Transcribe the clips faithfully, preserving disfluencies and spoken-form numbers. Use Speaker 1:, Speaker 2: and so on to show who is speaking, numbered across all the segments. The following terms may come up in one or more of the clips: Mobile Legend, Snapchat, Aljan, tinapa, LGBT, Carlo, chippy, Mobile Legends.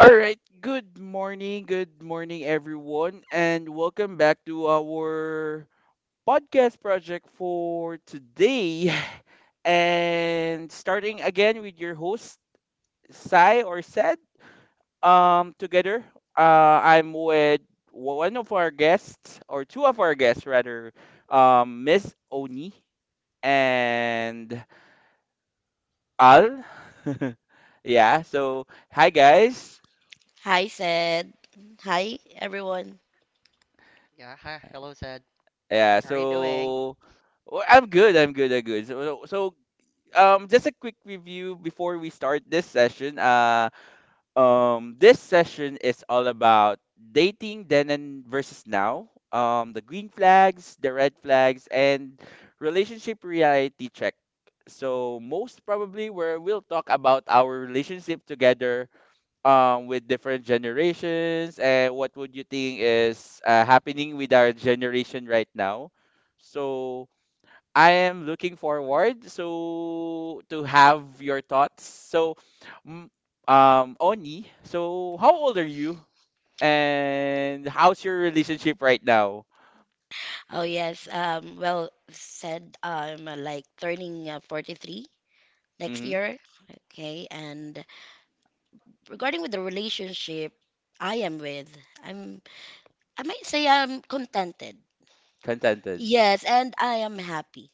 Speaker 1: All right. Good morning. Good morning, everyone, and welcome back to our podcast project for today. And starting again with your host, Sai or Said. Um, together, uh, I'm with one of our guests, or two of our guests rather, um, Miss Oni and Al. Yeah. So, hi guys.
Speaker 2: Hi, said. Hi, everyone.
Speaker 3: Yeah, hi, hello Zed.
Speaker 1: Yeah,
Speaker 3: How are you doing?
Speaker 1: so well, I'm good. I'm good. I'm good. So, so um, just a quick review before we start this session. Uh, um, this session is all about dating then and versus now. Um, the green flags, the red flags, and relationship reality check. So most probably, where we'll talk about our relationship together, um with different generations and what would you think is uh, happening with our generation right now, so I am looking forward so to have your thoughts. So mm, um Oni, so how old are you and how's your relationship right now?
Speaker 2: Oh, yes. Um, well, said I'm uh, like turning uh, forty-three next
Speaker 1: Hmm.
Speaker 2: year. Okay. And regarding with the relationship I am with, I'm, I might say I'm contented.
Speaker 1: Contented.
Speaker 2: Yes. And I am happy.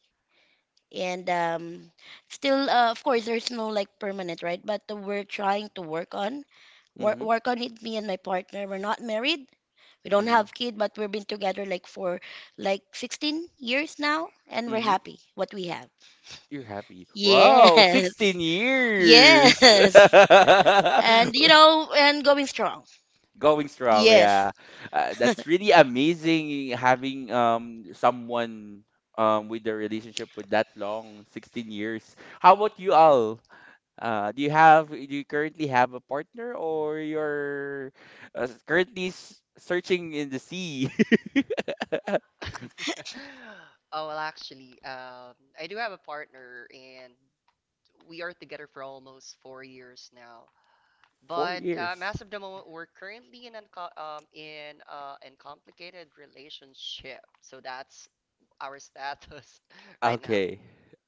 Speaker 2: And um, still uh, of course there's no like permanent right but uh, we're trying to work on work,
Speaker 1: Hmm.
Speaker 2: work on it, me and my partner, we're not married, we don't
Speaker 1: Hmm.
Speaker 2: have kid, but we've been together like for like sixteen years now and we're
Speaker 1: Hmm.
Speaker 2: happy what we have.
Speaker 1: You're happy. Wow,
Speaker 2: Yes.
Speaker 1: sixteen years.
Speaker 2: Yes. And you know, and going strong.
Speaker 1: Going strong,
Speaker 2: Yes.
Speaker 1: yeah. Uh, that's really amazing having um someone um with the relationship with that long, sixteen years. How about you, all uh do you have do you currently have a partner or you're uh, currently s- searching in the sea?
Speaker 3: Oh, well, actually, um, I do have a partner and we are together for almost four years now.
Speaker 1: four
Speaker 3: But um,
Speaker 1: years
Speaker 3: as of the moment, we're currently in an um, in uh, in complicated relationship. So that's our status right now.
Speaker 1: Okay.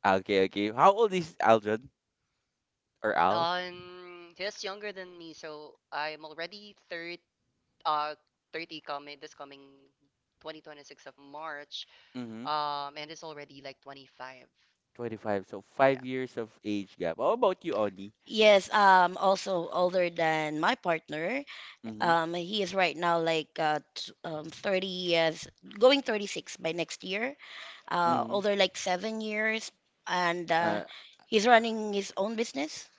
Speaker 1: Okay, okay. How old is Aldrin or Al?
Speaker 3: Um, he's younger than me, so I'm already third uh thirty coming this coming twenty twenty-six of March.
Speaker 1: Mm-hmm.
Speaker 3: um and it's already like twenty-five.
Speaker 1: twenty-five, so
Speaker 3: Yeah.
Speaker 1: five years of age gap. How about you, Oni?
Speaker 2: Yes. um also older than my partner.
Speaker 1: Mm-hmm.
Speaker 2: Um, he is right now like uh, t- um, thirty years, going thirty-six by next year, uh,
Speaker 1: Mm-hmm.
Speaker 2: older like seven years, and uh, he's running his own business.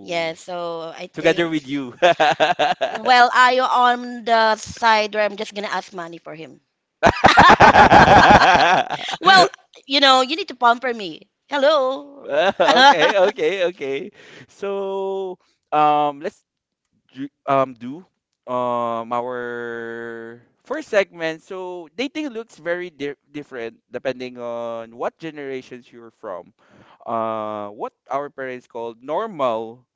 Speaker 2: Yeah, so I
Speaker 1: together
Speaker 2: think,
Speaker 1: with you. Okay,
Speaker 2: well, I on the side where I'm just gonna ask money for him. Well, you know, you need to pamper me. Hello.
Speaker 1: okay, okay. So, um, let's do, um do um our first segment. So dating looks very di- different depending on what generations you're from. Uh, what our parents called normal,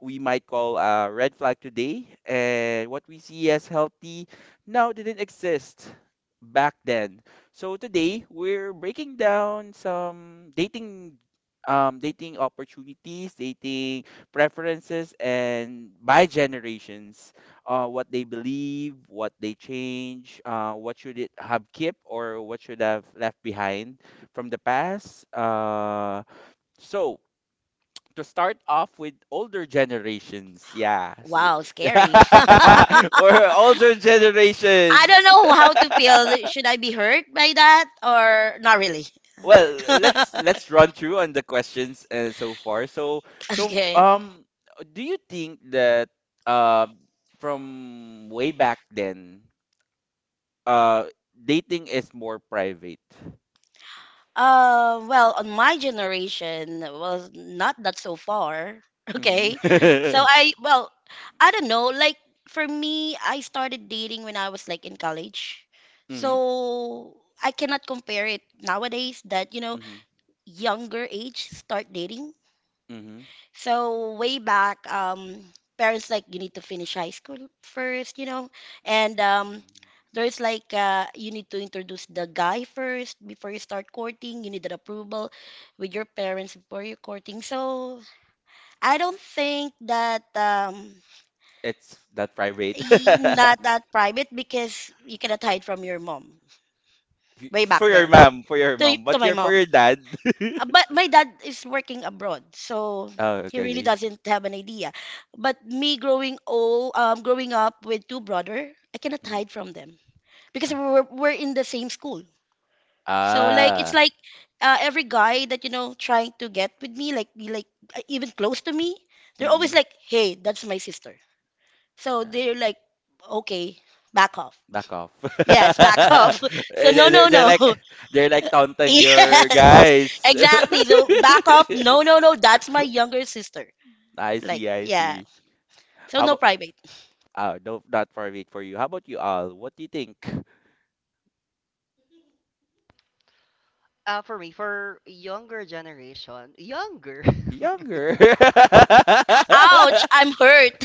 Speaker 1: we might call a red flag today, and what we see as healthy now didn't exist back then. So today we're breaking down some dating um dating opportunities, dating preferences and by generations, uh, what they believe, what they change, uh, what should it have kept or what should have left behind from the past. Uh, so to start off with older generations, yeah. S-
Speaker 2: Wow, scary.
Speaker 1: for
Speaker 2: I
Speaker 1: older generations,
Speaker 2: don't know how to feel. Should I be hurt by that or not really?
Speaker 1: well, let's let's run through on the questions uh, so far. so so
Speaker 2: Okay.
Speaker 1: um do you think that uh from way back then, uh dating is more private?
Speaker 2: Uh, well, on my generation was not that so far. Okay. So
Speaker 1: Mm-hmm.
Speaker 2: I, well, I don't know. Like for me, I started dating when I was like in college.
Speaker 1: Mm-hmm.
Speaker 2: So I cannot compare it nowadays that, you know,
Speaker 1: Mm-hmm.
Speaker 2: younger age start dating.
Speaker 1: Mm-hmm.
Speaker 2: So way back, um, parents like you need to finish high school first, you know, and um, there's like uh, you need to introduce the guy first before you start courting. You need an approval with your parents before you courting. So I don't think that um,
Speaker 1: It's that private.
Speaker 2: y- not that private because you cannot hide from your mom
Speaker 1: Y-
Speaker 2: way back
Speaker 1: for your
Speaker 2: then.
Speaker 1: mom, for your
Speaker 2: To,
Speaker 1: mom,
Speaker 2: to
Speaker 1: but
Speaker 2: my
Speaker 1: your, for
Speaker 2: mom.
Speaker 1: your dad.
Speaker 2: Uh, But my dad is working abroad, so
Speaker 1: Oh,
Speaker 2: he
Speaker 1: okay,
Speaker 2: really
Speaker 1: okay.
Speaker 2: doesn't have an idea. But me growing old, um, growing up with two brother, I cannot
Speaker 1: Mm-hmm.
Speaker 2: hide from them because
Speaker 1: Ah.
Speaker 2: we're we're in the same school. So like it's
Speaker 1: Ah.
Speaker 2: like uh, every guy that you know trying to get with me, like be like uh, even close to me, they're
Speaker 1: Mm-hmm.
Speaker 2: always like, "Hey, that's my sister." So they're like, "Okay, back off."
Speaker 1: Back off.
Speaker 2: Yes, back off. So no,
Speaker 1: they're, they're
Speaker 2: no,
Speaker 1: they're
Speaker 2: no.
Speaker 1: like they're like taunting
Speaker 2: Yes,
Speaker 1: your guys.
Speaker 2: exactly. So back off. No, no, no. That's my younger sister.
Speaker 1: I
Speaker 2: Like,
Speaker 1: see, I
Speaker 2: yeah.
Speaker 1: see.
Speaker 2: So
Speaker 1: How
Speaker 2: no
Speaker 1: about
Speaker 2: private.
Speaker 1: uh, no, not for me, for you. How about you, all? What do you think?
Speaker 3: uh For me, for younger generation, younger.
Speaker 1: Younger.
Speaker 2: Ouch, I'm hurt.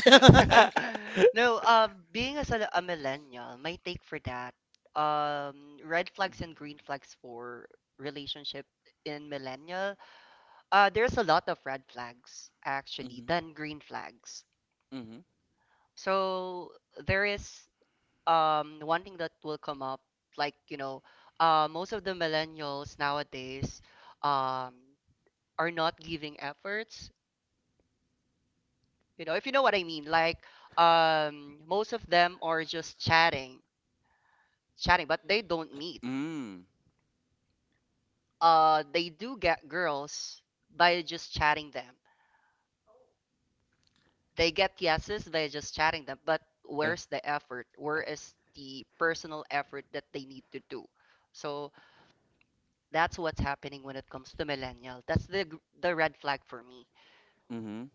Speaker 3: No, uh being as a, a millennial, my take for that um red flags and green flags for relationship in millennial, uh there's a lot of red flags actually
Speaker 1: Mhm,
Speaker 3: than green flags.
Speaker 1: mhm.
Speaker 3: So there is um one thing that will come up, like, you know, uh most of the millennials nowadays, um are not giving efforts. You know, if you know what I mean, like, um most of them are just chatting chatting but they don't meet.
Speaker 1: Mm.
Speaker 3: Uh they do get girls by just chatting them. They get yeses by just chatting them. But
Speaker 1: Uh,
Speaker 3: where's the effort? Where is the personal effort that they need to do? So that's what's happening when it comes to millennial. That's the gr- the red flag for me.
Speaker 1: mhm.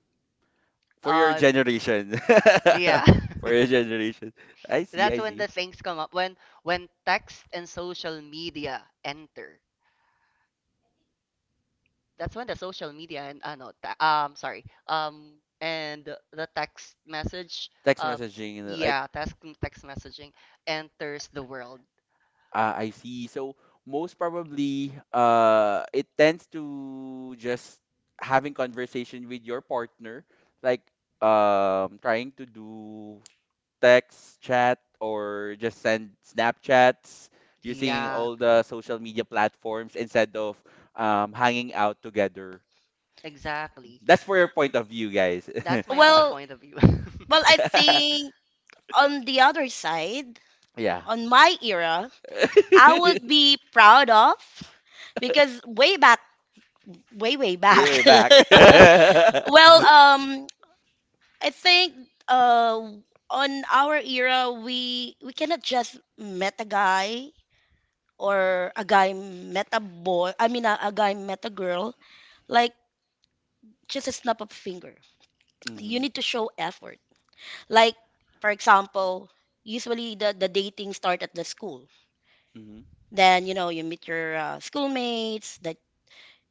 Speaker 1: For your
Speaker 3: um
Speaker 1: generation.
Speaker 3: yeah.
Speaker 1: For your generation. I see,
Speaker 3: That's
Speaker 1: I
Speaker 3: when
Speaker 1: see.
Speaker 3: the things come up, when when text and social media enter. That's when the social media, and uh, no, ta- um sorry, um and the the text message.
Speaker 1: Text
Speaker 3: uh
Speaker 1: messaging, and like—
Speaker 3: yeah, text text messaging enters the world.
Speaker 1: Ah, I see. So most probably, uh, it tends to just having conversation with your partner, like, um, trying to do text, chat, or just send Snapchats using
Speaker 3: Yeah,
Speaker 1: all the social media platforms instead of, um, hanging out together.
Speaker 3: exactly.
Speaker 1: That's for your point of view, guys.
Speaker 3: That's my only
Speaker 2: well,
Speaker 3: point of view.
Speaker 2: well I think on the other side,
Speaker 1: Yeah.
Speaker 2: on my era, I would be proud of because way back, way way
Speaker 1: Way,
Speaker 2: back.
Speaker 1: way back.
Speaker 2: Well, um I think uh on our era we we cannot just met a guy or a guy met a boy. I mean a, a guy met a girl like just a snap of finger. You
Speaker 1: Hmm.
Speaker 2: need to show effort. Like, for example, usually the, the dating start at the school.
Speaker 1: Hmm.
Speaker 2: Then, you know, you meet your uh, schoolmates that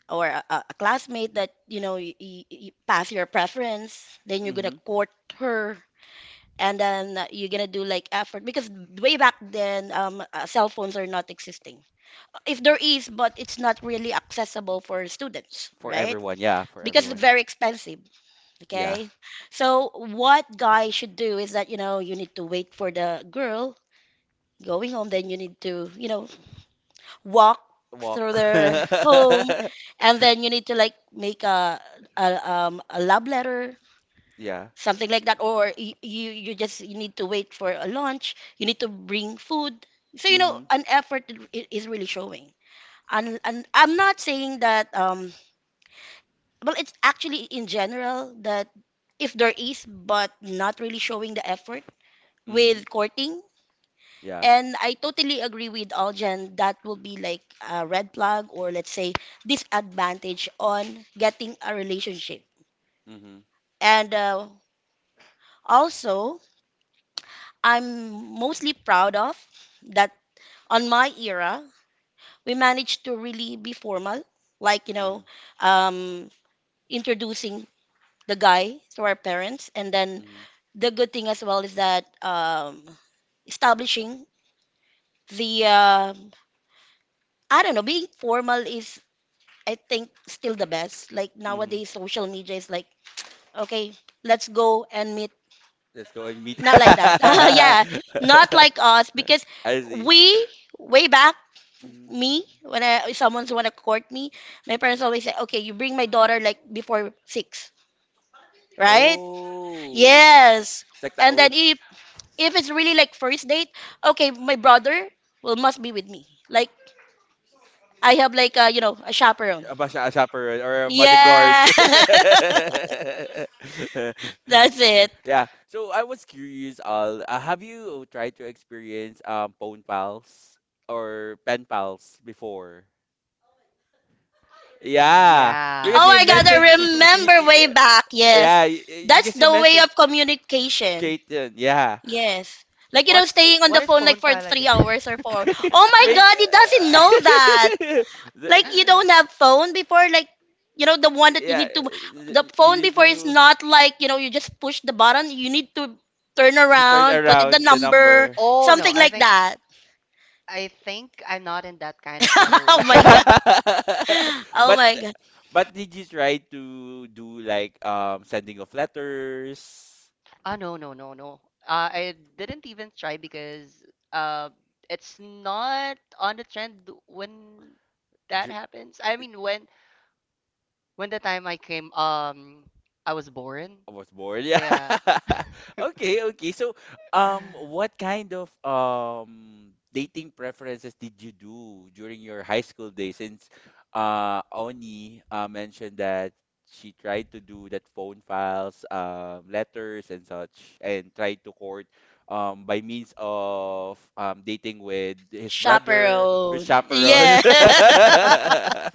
Speaker 2: or a, a a classmate that, you know, you, you pass your preference. Then you're
Speaker 1: Hmm.
Speaker 2: gonna court her. And then uh, you're gonna do like effort because way back then, um, uh, cell phones are not existing. If there is, but it's not really accessible for students,
Speaker 1: For
Speaker 2: right?
Speaker 1: everyone, yeah, for
Speaker 2: Because it's
Speaker 1: everyone.
Speaker 2: very expensive.
Speaker 1: Yeah.
Speaker 2: Okay. So what guy should do is that, you know, you need to wait for the girl going home, then you need to, you know, walk through
Speaker 1: Walk.
Speaker 2: their
Speaker 3: Mhm.
Speaker 2: home,
Speaker 1: Yeah.
Speaker 2: and then you need to like make a a, um, a love letter, something like that, or you, you you just you need to wait for a lunch. You need to bring food. So you know,
Speaker 1: Mhm.
Speaker 2: an effort i- i- is really showing. And, and I'm not saying that, um, well, it's actually in general that if there is, but not really showing the effort
Speaker 1: Mhm.
Speaker 2: with courting.
Speaker 1: Yeah.
Speaker 2: And I totally agree with Aljan. That will be like a red flag, or let's say disadvantage on getting a relationship.
Speaker 1: Mhm.
Speaker 2: And uh, also, I'm mostly proud of that on my era, we managed to really be formal, like, you
Speaker 1: Mhm.
Speaker 2: know, um, introducing the guy to our parents. And then
Speaker 1: Mhm.
Speaker 2: the good thing as well is that um, establishing the, uh, I don't know, being formal is I think still the best. Like
Speaker 1: Mhm.
Speaker 2: nowadays, social media is like, okay, let's go and meet.
Speaker 1: Let's go and meet.
Speaker 2: Not like that. Yeah, not
Speaker 1: I
Speaker 2: like us because
Speaker 1: see.
Speaker 2: we way back
Speaker 1: Mhm.
Speaker 2: me when I if someone's wanna court me, my parents always say, okay, you bring my daughter like before six, right?
Speaker 1: Oh,
Speaker 2: Yes.
Speaker 1: it's like the
Speaker 2: And then
Speaker 1: old.
Speaker 2: if if it's really like first date, okay, my brother will must be with me. Like I have like a, you know, a chaperone.
Speaker 1: A, ba- a chaperone or a bodyguard.
Speaker 2: Yeah. That's it.
Speaker 1: Yeah. So I was curious, Al, uh, have you tried to experience um phone pals or pen pals before? Yeah, because
Speaker 2: Oh
Speaker 3: Yes.
Speaker 1: you
Speaker 2: my God, I
Speaker 1: mentioned, y-
Speaker 2: remember way
Speaker 1: y-
Speaker 2: back. Yes.
Speaker 1: yeah, y- y-
Speaker 2: That's
Speaker 1: because you
Speaker 2: the way
Speaker 1: mentioned
Speaker 2: of communication.
Speaker 1: Caitlyn. Yeah.
Speaker 2: Yes. Like, you know,
Speaker 3: What's
Speaker 2: staying on
Speaker 3: what
Speaker 2: the
Speaker 3: is
Speaker 2: phone like
Speaker 3: phone
Speaker 2: for
Speaker 3: file
Speaker 2: three
Speaker 3: again?
Speaker 2: hours or four. Oh
Speaker 1: Pa-
Speaker 2: my God, he doesn't know that.
Speaker 1: The-
Speaker 2: Like, you don't have phone before, like, you know, the one that you
Speaker 1: yeah,
Speaker 2: need to, the
Speaker 1: y- you
Speaker 2: phone
Speaker 1: need
Speaker 2: before is
Speaker 1: to—
Speaker 2: not like, you know, you just push the button. You need to turn
Speaker 1: to turn
Speaker 2: around, put in the
Speaker 1: around the
Speaker 2: number,
Speaker 1: number.
Speaker 3: Oh no,
Speaker 2: something
Speaker 3: I
Speaker 2: like
Speaker 3: think
Speaker 2: that.
Speaker 3: I think I'm not in that kind of
Speaker 2: Oh my
Speaker 3: generation.
Speaker 2: God. Oh
Speaker 1: but
Speaker 2: my God.
Speaker 1: But did you try to do like, um sending of letters?
Speaker 3: Ah, no, no, no, no. Uh, I didn't even try because uh it's not on the trend when that happens. I mean, when when the time I came, um I was born.
Speaker 1: I was bored. Yeah.
Speaker 3: Yeah.
Speaker 1: Okay, okay. So, um, what kind of um dating preferences did you do during your high school days? Since uh Oni uh, mentioned that she tried to do that phone files, um, letters and such, and tried to court um by means of um dating with his brother, her
Speaker 2: Chaperone.
Speaker 3: Hmm.
Speaker 1: chaperone.
Speaker 2: Yeah.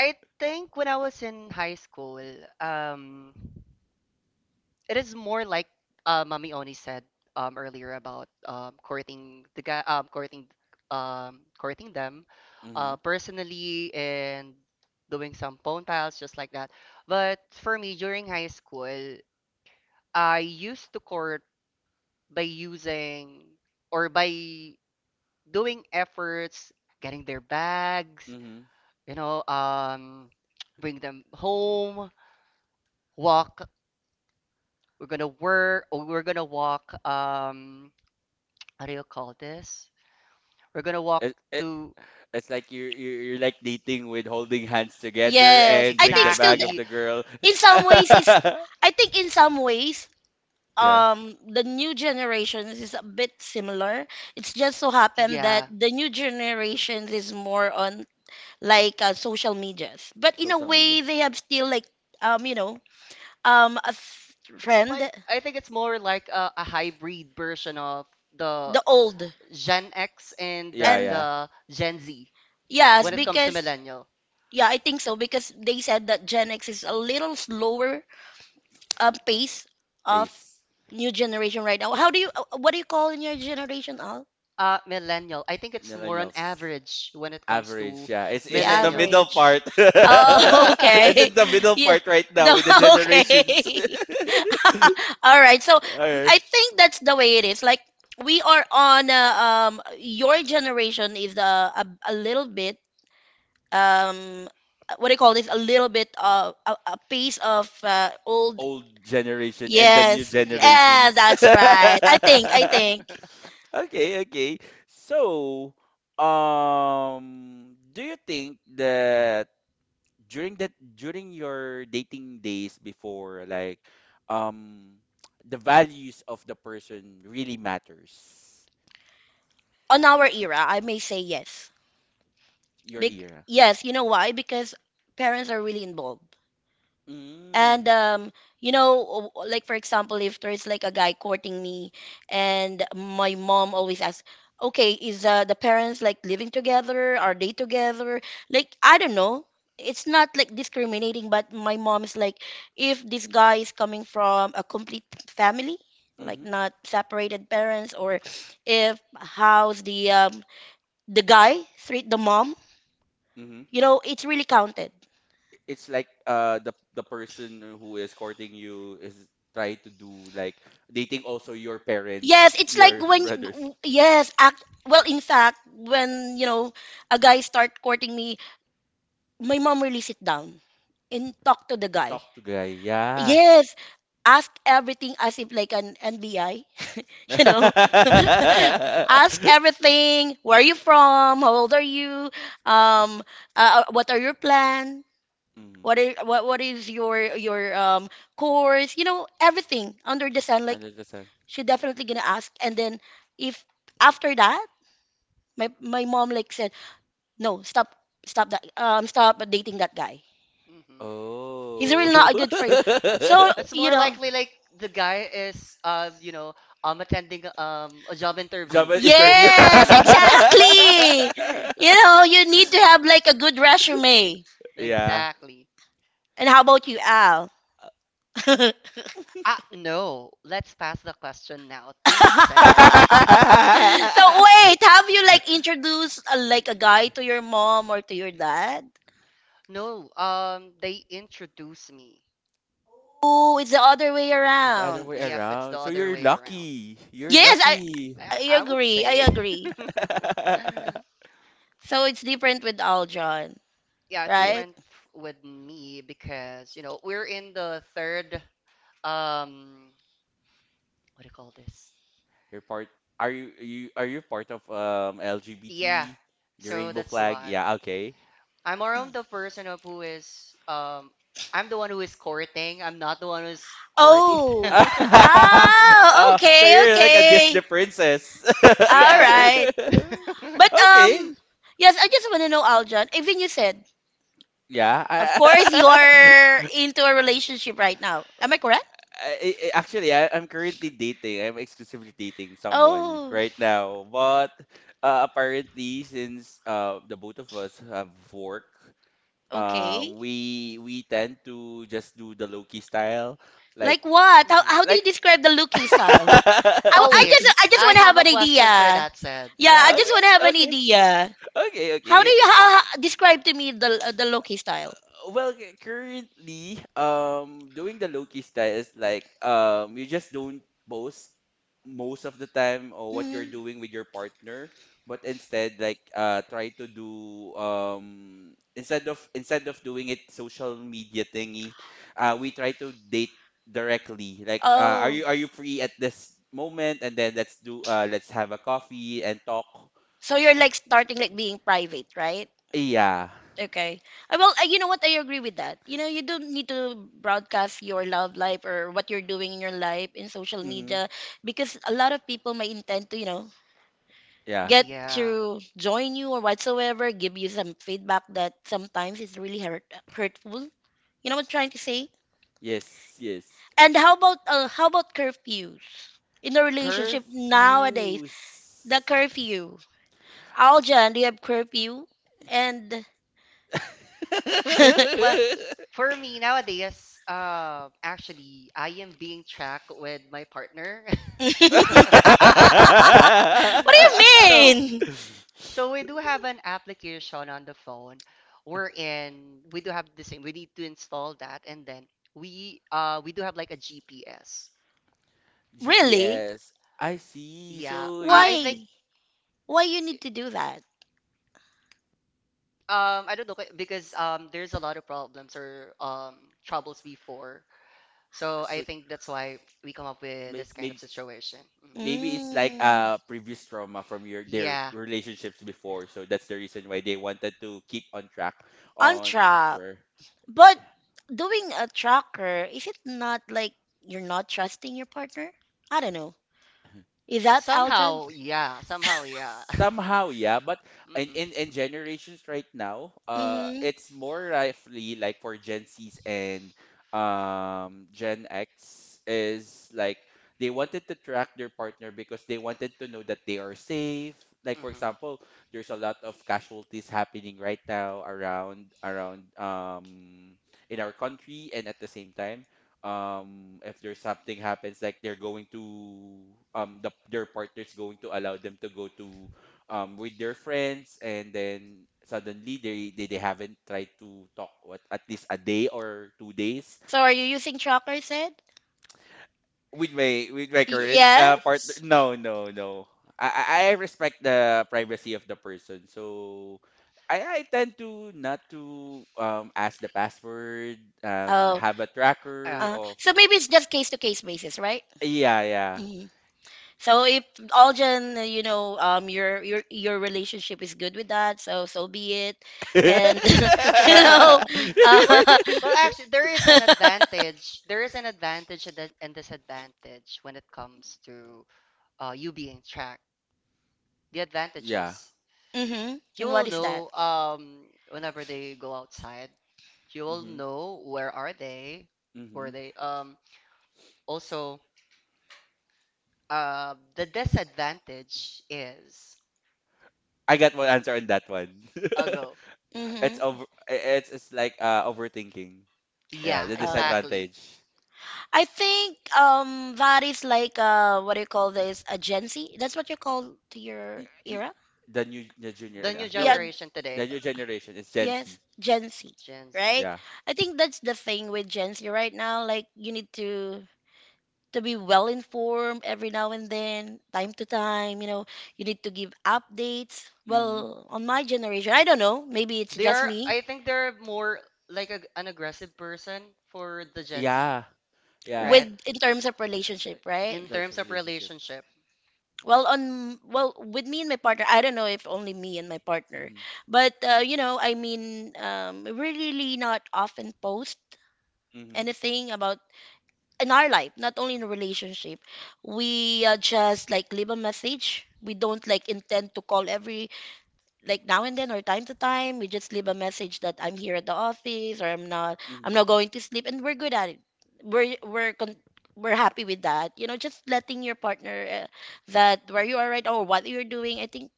Speaker 3: I think when I was in high school, um, it is more like, uh, Mami Oni said, um, earlier about, um, courting the guy, um, courting, um, courting them,
Speaker 1: Mm-hmm,
Speaker 3: uh, personally, and doing some phone piles just like that. But for me, during high school, I used to court by using or by doing efforts, getting their bags,
Speaker 1: mm-hmm.
Speaker 3: you know, um, bring them home, walk. We're gonna work, or we're gonna walk. Um, what do you call this? We're gonna walk
Speaker 1: It, it,
Speaker 3: to.
Speaker 1: it's like you're, you're you're like dating with holding hands together
Speaker 2: Yes.
Speaker 1: and
Speaker 2: I
Speaker 1: bring
Speaker 2: think
Speaker 1: the
Speaker 2: still
Speaker 1: bag
Speaker 2: th-
Speaker 1: of
Speaker 3: Exactly.
Speaker 1: the girl.
Speaker 2: in some ways it's I think in some ways
Speaker 1: Yeah.
Speaker 2: um the new generations is a bit similar. It's just so happened that
Speaker 3: Yeah,
Speaker 2: the new generations is more on like uh, social medias. But in a
Speaker 1: Social
Speaker 2: way
Speaker 1: media.
Speaker 2: they have still like um you know um a
Speaker 3: it's
Speaker 2: friend,
Speaker 3: like I think it's more like a, a hybrid version of the
Speaker 2: the old,
Speaker 3: Gen X and the,
Speaker 1: Yeah,
Speaker 2: and
Speaker 1: yeah.
Speaker 3: the Gen Z
Speaker 2: yes
Speaker 3: when it
Speaker 1: Mm-hmm.
Speaker 3: comes to
Speaker 2: because
Speaker 3: millennials.
Speaker 2: yeah I think so because they said that Gen X is a little slower, um, pace of
Speaker 1: Face.
Speaker 2: new generation right now. How do you uh, what do you call in your generation, Al?
Speaker 3: Uh, millennial. I think it's more on
Speaker 1: Millennials.
Speaker 3: average when it comes to
Speaker 1: Average, yeah. It's
Speaker 2: The
Speaker 1: it's in the
Speaker 3: millennials.
Speaker 1: middle
Speaker 2: average.
Speaker 1: part.
Speaker 2: Oh,
Speaker 1: It's
Speaker 2: okay.
Speaker 1: in the middle
Speaker 2: Yeah.
Speaker 1: part right now
Speaker 2: No,
Speaker 1: with the generations.
Speaker 2: okay. All right. So
Speaker 1: Alright.
Speaker 2: I think that's the way it is. Like we are on uh, um your generation is uh, a a little bit um what do you call this, a little bit of a, a piece of uh, old.
Speaker 1: Old generation and the new
Speaker 2: Yes.
Speaker 3: Yeah.
Speaker 2: Eh,
Speaker 1: generations.
Speaker 2: that's right. I think I think
Speaker 1: Okay, okay. So, um, do you think that during that during your dating days before, like, um, the values of the person really matters?
Speaker 2: on our era, I may say yes.
Speaker 1: Your
Speaker 2: Bec-
Speaker 1: era.
Speaker 2: yes, you know why? Because parents are really involved. And
Speaker 1: Mm.
Speaker 2: um, you know, o- like for example, if there's like a guy courting me, and my mom always asks, "Okay, is uh, the parents like living together? Are they together?" Like I don't know. It's not like discriminating, but my mom is like, if this guy is coming from a complete family, like
Speaker 1: Mm-hmm.
Speaker 2: not separated parents, or if how's the um, the guy treat the mom,
Speaker 1: Mm-hmm.
Speaker 2: you know, it's really counted.
Speaker 1: It's like uh the the person who is courting you is trying to do like dating also your
Speaker 2: Yes,
Speaker 1: parents,
Speaker 2: it's like
Speaker 1: your
Speaker 2: when
Speaker 1: brothers.
Speaker 2: yes, act well in fact, when you know a guy start courting me, my mom really sit down and talk to the guy.
Speaker 1: Talk to guy. Yeah.
Speaker 2: Yes, ask everything as if like an N B I, you know,
Speaker 1: Mhm.
Speaker 2: ask everything. Where are you from? How old are you? Um, uh, uh, what are your plan? What are what what is your your um course? You know, everything under the sun. Like
Speaker 1: Hundred percent.
Speaker 2: she definitely gonna ask, and then if after that my my mom like said no, stop, stop that um stop dating that guy,
Speaker 3: Mhm.
Speaker 2: he's really
Speaker 1: Oh.
Speaker 2: not good for you, so
Speaker 3: It's
Speaker 2: you
Speaker 3: more
Speaker 2: know.
Speaker 3: likely like the guy is, uh, you know, um attending um a job interview.
Speaker 1: Job and interview.
Speaker 2: Yes, exactly. You know, you need to have like a good resume.
Speaker 1: Yeah.
Speaker 3: Exactly.
Speaker 2: And how about you, Al? So
Speaker 3: Ah, no. Let's pass the question now to Seb.
Speaker 2: wait, have you like introduced uh, like a guy to your mom or to your dad?
Speaker 3: No, um, they introduced me.
Speaker 2: Oh, it's the other way
Speaker 1: It's the other
Speaker 2: around.
Speaker 1: way
Speaker 3: Yep, it's the
Speaker 1: around. So
Speaker 3: other
Speaker 1: you're
Speaker 3: way around.
Speaker 1: lucky. You're
Speaker 2: Yes. i
Speaker 1: lucky.
Speaker 2: i
Speaker 3: I, I would
Speaker 2: agree i
Speaker 3: say.
Speaker 2: agree So it's different with Aljon,
Speaker 3: Yeah, it's
Speaker 1: Yeah.
Speaker 2: right?
Speaker 3: different f- with me because, you know, we're in the third. um, what do you call this?
Speaker 1: You're part— are you, you are you part of um
Speaker 3: Yeah,
Speaker 1: L G B T? The
Speaker 3: so
Speaker 1: rainbow
Speaker 3: that's
Speaker 1: flag?
Speaker 3: why.
Speaker 1: Yeah, okay.
Speaker 3: I'm more of the person of who is, um I'm the one who is courting. I'm not the one who's courting them.
Speaker 2: Oh. Oh,
Speaker 1: Oh, so
Speaker 2: okay,
Speaker 1: you're like a
Speaker 2: okay.
Speaker 1: Disney princess.
Speaker 2: All
Speaker 3: Yeah, there's
Speaker 2: right.
Speaker 3: Mhm.
Speaker 2: But
Speaker 1: Okay.
Speaker 2: um yes, I just want to know Aljon, even you said,
Speaker 1: Yeah.
Speaker 2: of course you
Speaker 1: I,
Speaker 2: are into a relationship right now. Am I correct?
Speaker 1: I, I- actually, I, I'm currently dating. I'm exclusively dating someone
Speaker 2: Oh,
Speaker 1: right now. But uh, apparently, since uh, the both of us have work, uh,
Speaker 2: okay.
Speaker 1: we we tend to just do the low-key style. Like,
Speaker 2: Like what? How how do you
Speaker 1: like.
Speaker 2: describe the looking style? I,
Speaker 3: Oh
Speaker 2: I
Speaker 3: wait.
Speaker 2: just I just
Speaker 3: I
Speaker 2: want to have
Speaker 3: have a
Speaker 2: an idea.
Speaker 3: question for that said. I
Speaker 2: Yeah, I
Speaker 3: have a
Speaker 2: just
Speaker 1: Okay,
Speaker 3: question.
Speaker 2: want to have an
Speaker 1: okay.
Speaker 2: idea.
Speaker 1: Okay, okay.
Speaker 2: How do you how, how- describe to me the uh, the loki style?
Speaker 1: Well, cu- currently, um, doing the low-key style is like, um, you just don't post most of the time or what you're
Speaker 2: Mhm.
Speaker 1: doing with your partner, but instead like uh try to do, um instead of instead of doing it social media thingy, uh we try to date directly. Like, uh, are
Speaker 2: Oh.
Speaker 1: you are you free at this moment? And then let's do— uh, let's have a coffee and talk.
Speaker 2: So you're like starting like being private, right?
Speaker 1: Yeah.
Speaker 2: Okay. Uh, Well, uh, you know what? I agree with that. You know, you don't need to broadcast your love life or what you're doing in your life in social
Speaker 1: Mm-hmm.
Speaker 2: media because a lot of people may intend to, you know,
Speaker 1: Yeah.
Speaker 2: get
Speaker 3: Yeah.
Speaker 2: to join you or whatsoever, give you some feedback that sometimes is really hurt, hurtful. You know what I'm trying to say?
Speaker 1: Yes, yes.
Speaker 2: And how about uh, how about curfews in a relationship nowadays? The
Speaker 1: Curfews.
Speaker 2: curfew. Aljan, do you have curfew? And
Speaker 3: Well, for me nowadays, uh, actually, I am being tracked with my partner.
Speaker 2: What do you
Speaker 3: so,
Speaker 2: mean?
Speaker 3: so we do have an application on the phone wherein we do have the same. We need to install that, and then we uh we do have like a G P S.
Speaker 2: Really?
Speaker 1: G P S. I see.
Speaker 3: Yeah,
Speaker 1: So you—
Speaker 3: I, I think,
Speaker 2: Why? Why you need to do that?
Speaker 3: um I don't know because um there's a lot of problems or um troubles before. So I
Speaker 1: so
Speaker 3: think that's why we come up with
Speaker 1: may,
Speaker 3: this kind
Speaker 1: may,
Speaker 3: of situation. Mm.
Speaker 1: maybe it's like
Speaker 2: Mm,
Speaker 1: a previous trauma from your, their
Speaker 3: Yeah.
Speaker 1: relationships before. So that's the reason why they wanted to keep on track
Speaker 2: on
Speaker 1: on
Speaker 2: track.
Speaker 1: where.
Speaker 2: But doing a tracker, is it not like you're not trusting your partner? I don't know. Is
Speaker 3: Well,
Speaker 2: that Aljan?
Speaker 3: somehow, yeah. Somehow, yeah.
Speaker 1: Somehow, yeah, but
Speaker 3: Hmm,
Speaker 1: in,
Speaker 3: hmm.
Speaker 1: in in generations right now, uh
Speaker 2: Mm-hmm.
Speaker 1: it's more roughly like for Gen Z's and um Gen X is like, they wanted to track their partner because they wanted to know that they are safe. Like for example, there's a lot of casualties happening right now around, around um in our country, and at the same time, um if there's something happens, like they're going to, um the their partner's going to allow them to go to, um with their friends, and then suddenly they, they, they haven't tried to talk, what, at least a day or two days.
Speaker 2: So are you
Speaker 1: S-
Speaker 2: using tracker Ed?
Speaker 1: with my, with my current uh partner,
Speaker 2: Yes.
Speaker 1: no, no, no. I I I respect the privacy of the person, so I I tend to not to um ask the password, um
Speaker 2: Oh,
Speaker 1: have a tracker
Speaker 3: Yeah.
Speaker 2: uh,
Speaker 1: of—
Speaker 2: so maybe it's just case to case basis, right?
Speaker 1: Yeah, yeah.
Speaker 2: Mhm. So if Aljan, uh, you know, um, your your your relationship is good with that, so so be it. And you know,
Speaker 3: Or,
Speaker 2: uh,
Speaker 3: well, actually, there is an advantage there is an advantage and a and disadvantage when it comes to, uh, you being tracked. The advantage
Speaker 1: Yeah.
Speaker 3: is,
Speaker 2: hmm. And what
Speaker 3: you'll
Speaker 2: is that?
Speaker 3: know, um whenever they go outside, you'll
Speaker 1: Mhm.
Speaker 3: know where are they, where
Speaker 1: Mhm.
Speaker 3: they um also uh the disadvantage is
Speaker 1: I got one answer on that one.
Speaker 3: a go.
Speaker 2: Mm-hmm.
Speaker 1: It's over— i- it's it's like, uh, overthinking. Yeah,
Speaker 3: Yeah,
Speaker 1: the
Speaker 2: Uh,
Speaker 3: exactly.
Speaker 1: disadvantage.
Speaker 2: I think um that is like uh what do you call this, a Gen Z? That's what you call to your
Speaker 1: Y- y-
Speaker 2: era?
Speaker 1: The new, the junior,
Speaker 3: The
Speaker 1: uh,
Speaker 3: new
Speaker 2: Yeah,
Speaker 1: no,
Speaker 3: generation
Speaker 1: the
Speaker 3: today,
Speaker 1: new generation is Gen Z.
Speaker 2: yes, Gen Z,
Speaker 3: Gen Z.
Speaker 2: right?
Speaker 1: Yeah.
Speaker 2: I think that's the thing with Gen Z right now. Like you need to to be well informed every now and then, time to time. You know, you need to give updates.
Speaker 1: Mhm.
Speaker 2: Well, on my generation, I don't know. Maybe it's
Speaker 3: They
Speaker 2: just
Speaker 3: are,
Speaker 2: me
Speaker 3: I think they're more like a, an aggressive person for the Gen Z,
Speaker 1: Yeah. Yeah.
Speaker 3: right?
Speaker 2: with in terms of
Speaker 1: Uh,
Speaker 2: relationship, right?
Speaker 3: In
Speaker 1: that's a
Speaker 3: terms of
Speaker 1: relationship.
Speaker 3: relationship.
Speaker 2: well on well with me and my partner, I don't know if only me and my partner.
Speaker 1: Mhm.
Speaker 2: But uh, you know, I mean, um we really not often post
Speaker 1: Mhm.
Speaker 2: anything about in our life, not only in a relationship. We uh, just like leave a message. We don't like intend to call every like now and then or time to time. We just leave a message that I'm here at the office or I'm not, i'm
Speaker 1: Hmm.
Speaker 2: not going to sleep, and we're good at it. We're we're con- we're happy with that. You know, just letting your partner uh, that where you are right now or what you're doing, I think.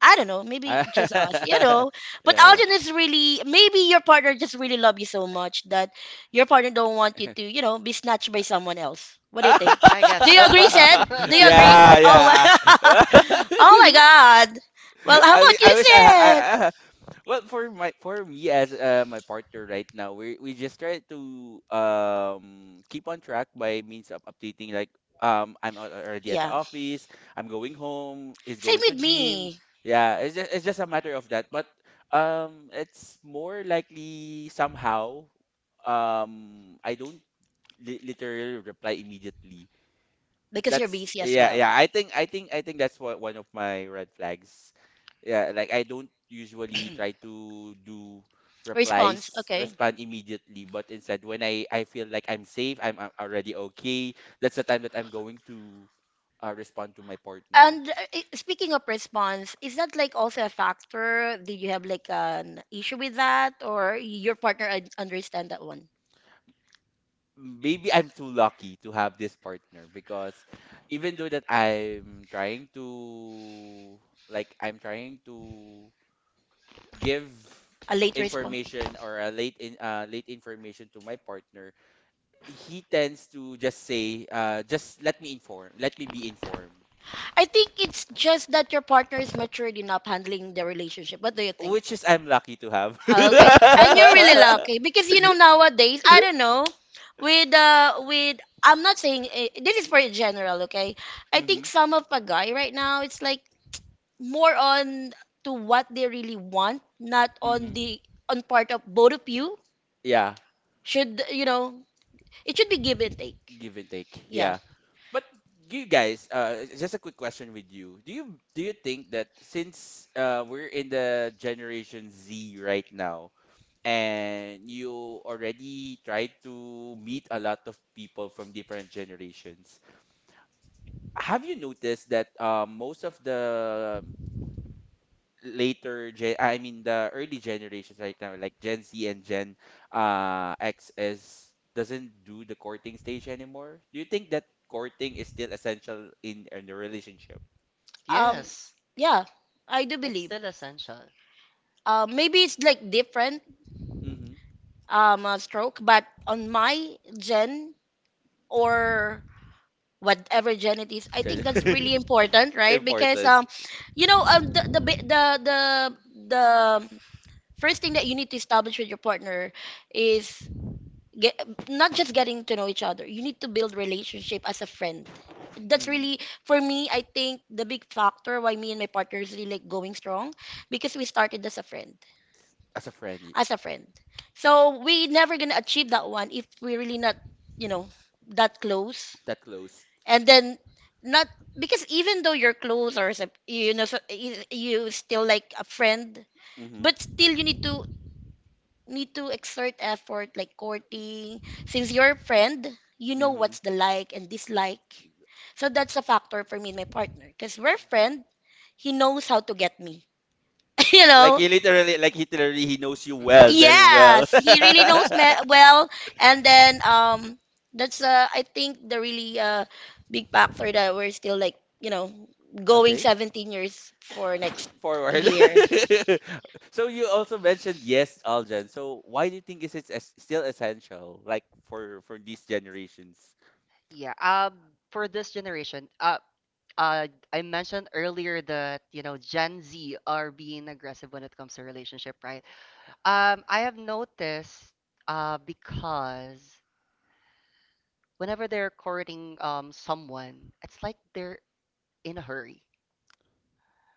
Speaker 2: I don't know, maybe just us,
Speaker 1: Yeah,
Speaker 2: you know. But
Speaker 1: yeah.
Speaker 2: Alden is really, maybe your partner just really love you so much that your partner don't want you to, you know, be snatched by someone else. What do you think?
Speaker 3: I guess
Speaker 2: Do you
Speaker 3: so.
Speaker 2: agree, Sed? Do you agree?
Speaker 1: Yeah,
Speaker 2: Oh my,
Speaker 1: yeah.
Speaker 2: oh my God. Well, how
Speaker 1: I,
Speaker 2: about
Speaker 1: wi-
Speaker 2: you,
Speaker 1: I wish I, ha- I
Speaker 2: Sed?
Speaker 1: I Well, for my— for me as uh, my partner right now, we we just try to um keep on track by means of updating, like, um I'm al- already at the
Speaker 2: Yeah,
Speaker 1: office, I'm going home, he's
Speaker 2: same
Speaker 1: going to
Speaker 2: with
Speaker 1: gym.
Speaker 2: me,
Speaker 1: Yeah, it's just, it's just a matter of that. But um it's more likely somehow, um I don't li literally reply immediately.
Speaker 2: because you're
Speaker 1: That's—
Speaker 2: busy as
Speaker 1: yeah,
Speaker 2: well.
Speaker 1: yeah. I think, I think I think that's one, one of my red flags. Yeah, like I don't usually try to do
Speaker 2: Response,
Speaker 1: replies,
Speaker 2: okay.
Speaker 1: respond immediately, but instead when I I feel like I'm safe, I'm, I'm already okay, that's the time that I'm going to, uh, respond to my partner.
Speaker 2: And uh, i- speaking of response, is that like also a factor? Did you have like an issue with that, or your partner un- understand that one?
Speaker 1: Maybe I'm too lucky to have this partner, because even though that I'm trying to, like, I'm trying to give
Speaker 2: A late response.
Speaker 1: information or a late in, uh, late information to my partner, he tends to just say, uh, just let me inform, let me be informed,
Speaker 2: I think it's just that your partner is matured enough handling the relationship. What do you think?
Speaker 1: which is I'm lucky to have.
Speaker 2: Okay, and you're really lucky because you know nowadays, I don't know, with uh with I'm not saying, eh, this is for general, okay? I
Speaker 1: Mm-hmm,
Speaker 2: think some of a guy right now, it's like more on to what they really want, not on
Speaker 1: mm-hmm.
Speaker 2: the on part of both of you.
Speaker 1: Yeah,
Speaker 2: Should you know, it should be give and take.
Speaker 1: give and take.
Speaker 2: Yeah.
Speaker 1: Yeah, but you guys, uh, just a quick question with you. Do you do you think that since uh, we're in the Generation Z right now, and you already tried to meet a lot of people from different generations, have you noticed that uh, most of the later gen, I mean the early generations right now, like Gen Z and Gen uh X is doesn't do the courting stage anymore. Do you think that courting is still essential in in a relationship?
Speaker 2: Um.
Speaker 3: Yes,
Speaker 2: Yeah, I do
Speaker 3: it's
Speaker 2: believe.
Speaker 3: still essential.
Speaker 2: Uh, maybe it's like different
Speaker 1: Mm-hmm.
Speaker 2: um uh, stroke, but on my gen or whatever gen it is, I think
Speaker 1: Gen.
Speaker 2: that's really important, right? Because
Speaker 1: Important.
Speaker 2: um, you know, um the the bi- the the, the first thing that you need to establish with your partner is get not just getting to know each other. You need to build relationship as a friend. That's
Speaker 1: Mm-hmm.
Speaker 2: really, for me, I think the big factor why me and my partners really like going strong, because we started as a friend,
Speaker 1: As a friend, y-
Speaker 2: as a friend so we never gonna achieve that one if we really not, you know, that close.
Speaker 1: that close.
Speaker 2: And then not, because even though you're close or as a- you know so, you you still like a friend,
Speaker 1: Mm-hmm.
Speaker 2: but still you need to, need to exert effort like courting. Since you're a friend, you know
Speaker 1: Mm-hmm.
Speaker 2: what's the like and dislike. So that's a factor for me and my partner, because we're friend. He knows how to get me, you
Speaker 1: Like
Speaker 2: know.
Speaker 1: he literally, like he literally, he knows you
Speaker 3: Mhm.
Speaker 1: well, very well.
Speaker 2: Yes, he really knows me well. And then, um that's uh I think the really uh big factor that we're still like, you know, going
Speaker 1: Okay.
Speaker 2: seventeen years for next
Speaker 1: Forward.
Speaker 2: year.
Speaker 1: So you also mentioned, yes, Aljan. So why do you think is it es- still essential, like for for these generations?
Speaker 3: Yeah. Um, for this generation, uh, uh, I mentioned earlier that, you know, Gen Z are being aggressive when it comes to relationship, right? Um, I have noticed, uh, because whenever they're courting um someone, it's like they're in a hurry.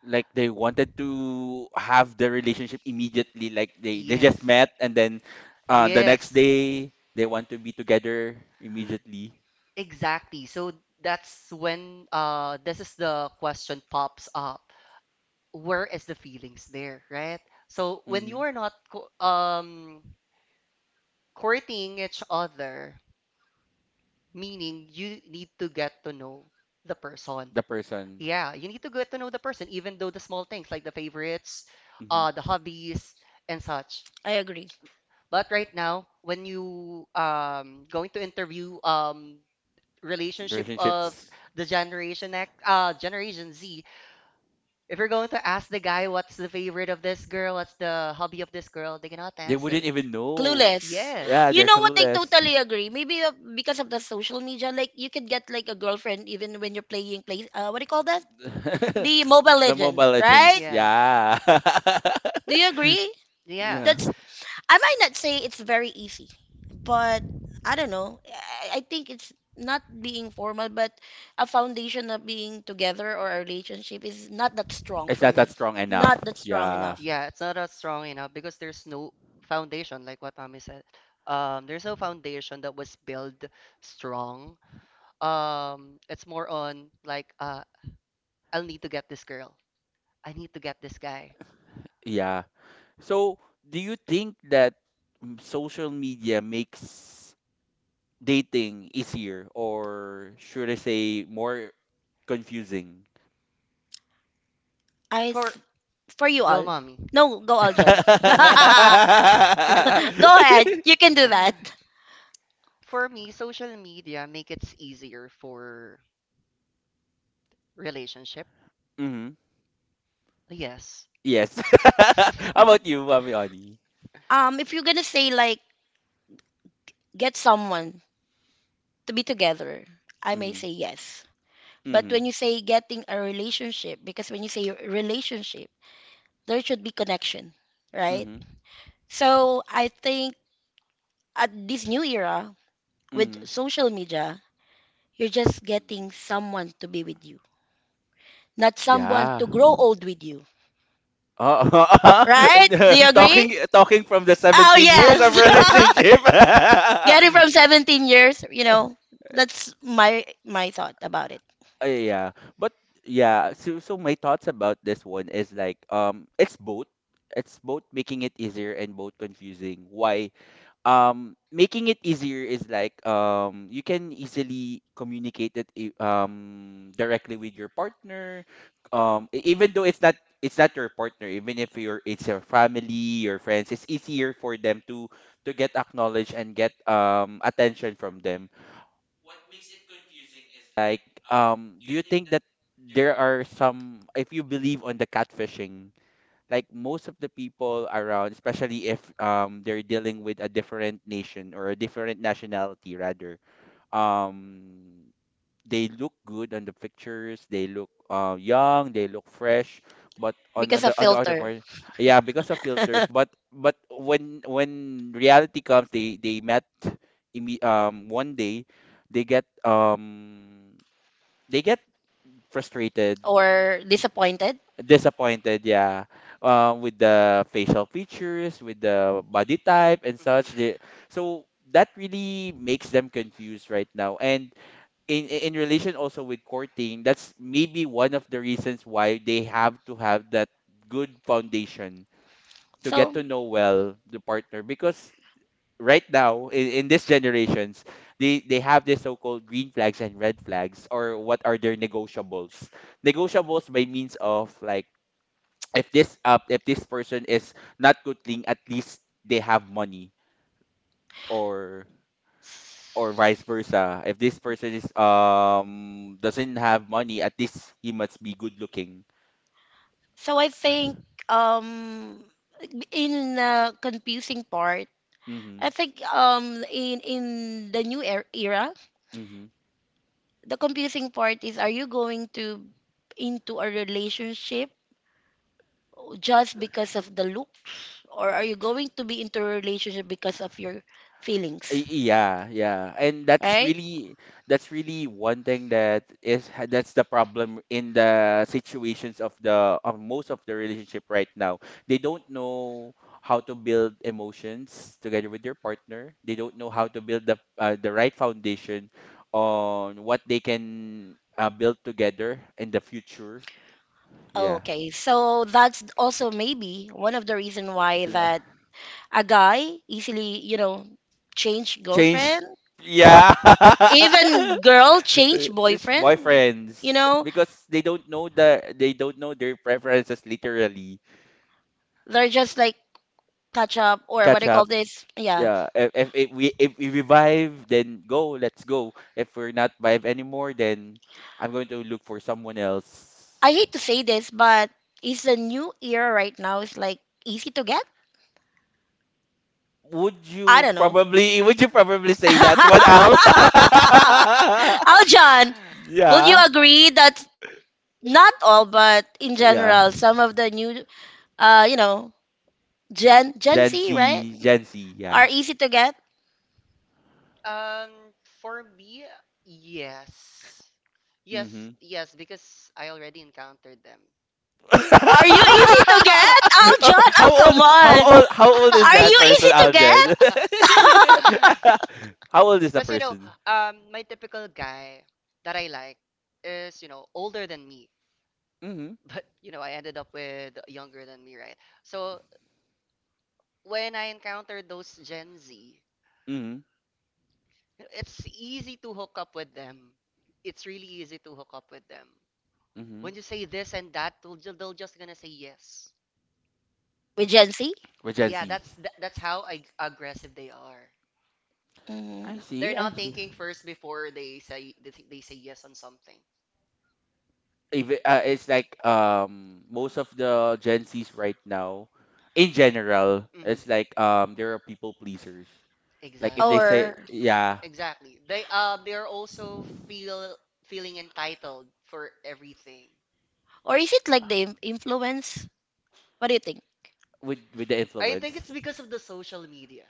Speaker 1: Like they wanted to have the relationship immediately, like they they just
Speaker 3: Yes.
Speaker 1: met and then, uh, the next
Speaker 3: Yes.
Speaker 1: day they want to be together immediately.
Speaker 3: Exactly. So that's when, uh this is the question pops up. Where is the feelings there, right? So when
Speaker 1: Hmm.
Speaker 3: you are not co um courting each other, meaning you need to get to know the person.
Speaker 1: The person.
Speaker 3: Yeah, you need to get to know the person, even though the small things like the favorites,
Speaker 1: Hmm.
Speaker 3: uh the hobbies, and such.
Speaker 2: I agree.
Speaker 3: But right now when you, um going to interview, um
Speaker 1: The
Speaker 3: relationship of
Speaker 1: relationships,
Speaker 3: the generation X, uh generation Z, if you're going to ask the guy, what's the favorite of this girl, what's the hobby of this girl, they cannot
Speaker 1: they
Speaker 3: answer.
Speaker 1: wouldn't even know.
Speaker 2: Clueless.
Speaker 1: Yeah,
Speaker 3: Yes.
Speaker 2: You
Speaker 1: they're
Speaker 2: know what? I
Speaker 1: clueless.
Speaker 2: totally agree. Maybe uh, because of the social media, like you could get like a girlfriend even when you're playing play. Uh, what do you call that? The Mobile
Speaker 1: The
Speaker 2: Legend,
Speaker 1: Mobile
Speaker 2: right?
Speaker 1: Legends.
Speaker 3: Yeah.
Speaker 1: Yeah.
Speaker 2: Do you agree?
Speaker 3: Yeah.
Speaker 1: Yeah.
Speaker 2: That's. I might not say it's very easy, but I don't know. I, I think it's not being formal, but a foundation of being together or a relationship is not that strong
Speaker 1: It's
Speaker 2: for
Speaker 1: not
Speaker 2: me.
Speaker 1: that strong enough.
Speaker 2: Not that strong
Speaker 1: Yeah.
Speaker 2: enough.
Speaker 3: Yeah, it's not as strong enough because there's no foundation, like what Tommy said. Um, there's no foundation that was built strong. Um, it's more on like, uh, I'll need to get this girl. I need to get this guy.
Speaker 1: Yeah. So, do you think that mm, social media makes dating easier or should I say more confusing?
Speaker 2: I
Speaker 3: For
Speaker 2: th- for you
Speaker 3: go,
Speaker 2: all.
Speaker 3: mommy.
Speaker 2: No, go all, John.
Speaker 3: No, no, no, no, go.
Speaker 2: Go ahead. You can do that.
Speaker 3: For me, social media make it easier for relationship.
Speaker 1: Hmm.
Speaker 3: Yes.
Speaker 1: Yes. How about you, Mami Oni?
Speaker 2: Um, if you're gonna say like get someone to be together, I may
Speaker 1: Mm-hmm.
Speaker 2: say yes. But
Speaker 1: Mm-hmm.
Speaker 2: when you say getting a relationship, because when you say relationship, there should be connection, right?
Speaker 1: Mm-hmm.
Speaker 2: So I think at this new era
Speaker 1: Mm-hmm.
Speaker 2: with social media, you're just getting someone to be with you, not someone
Speaker 1: Yeah.
Speaker 2: to grow old with you,
Speaker 1: Uh,
Speaker 2: right?
Speaker 1: and, uh,
Speaker 2: Do you agree?
Speaker 1: talking talking from the
Speaker 2: Oh
Speaker 1: seventeen years of
Speaker 2: yes,
Speaker 3: Yeah.
Speaker 1: relationship.
Speaker 2: getting from seventeen years, you know, that's my my thought about it.
Speaker 1: Uh, yeah. But yeah, so so my thoughts about this one is like, um, it's both. It's both making it easier and both confusing. Why? Um making it easier is like, um you can easily communicate it, i- um directly with your partner, um e- even though it's not— it's not your partner, even if you're— it's your family, your friends, it's easier for them to to get acknowledged and get um attention from them.
Speaker 2: Because of filter, or disappointed.
Speaker 3: Mhm.
Speaker 2: So, so I think um in uh, confusing part, I think um in in the new er- era, the confusing part is, are you going to into a relationship just because of the looks, or are you going to be into a relationship because of your feelings, right? Okay, so that's also maybe one of the reason why that a guy easily, you know, change girlfriend, even girl change boyfriend. You know, they're just like catch up or what do you call this? Yeah, I hate to say this, but is the new era right now is like easy to get? I don't know. Aljan, will you agree that not all, but in general, some of the new, uh, you know, Gen Gen Z, right, are easy to get.
Speaker 3: Um, for me, yes. Yes, yes, because I already encountered them.
Speaker 2: Are you easy to get? Oh, John,
Speaker 3: Yeah,
Speaker 2: oh come on, are you easy to
Speaker 3: are
Speaker 2: get
Speaker 3: you? How old is But you know, um, my typical guy that I like is, you know, older than me. But, you know, I ended up with younger than me, right? So when I encounter those Gen Z, it's easy to hook up with them. It's really easy to hook up with them. When you say this and that, they'll, ju- they'll just gonna say yes.
Speaker 2: with Gen Z?
Speaker 3: Yeah, that's th- that's how ag- aggressive they are.
Speaker 2: Mm.
Speaker 3: They're not thinking first before they say they, th- they say yes on something. Mhm. Exactly.
Speaker 2: Or
Speaker 3: Yeah. Exactly. They um they're also feel feeling entitled for everything.
Speaker 2: or is it like the im- influence? What do you think?
Speaker 3: I think it's because of the social media.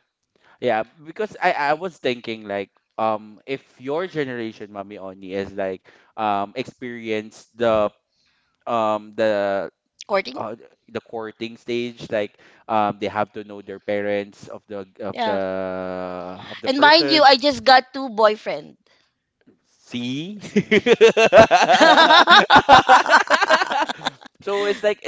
Speaker 2: Courting? Yeah. And mind you, I just got two boyfriend. See.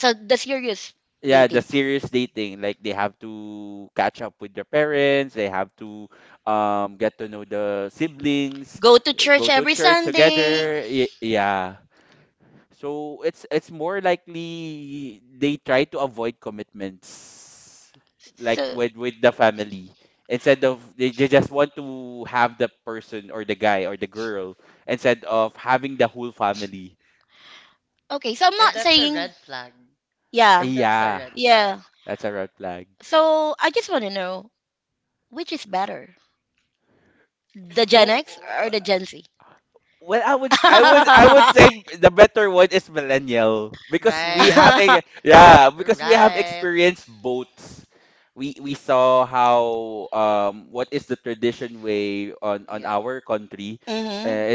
Speaker 2: So the serious dating. Go to church every Sunday.
Speaker 3: Yeah.
Speaker 2: So okay, so I'm
Speaker 3: And
Speaker 2: not
Speaker 3: that's a
Speaker 2: saying,
Speaker 3: red flag.
Speaker 2: yeah,
Speaker 3: That's a red flag.
Speaker 2: yeah. So I just want to know which is better, the Gen X or the Gen Z?
Speaker 3: Right. Right. Yeah.
Speaker 2: Mhm.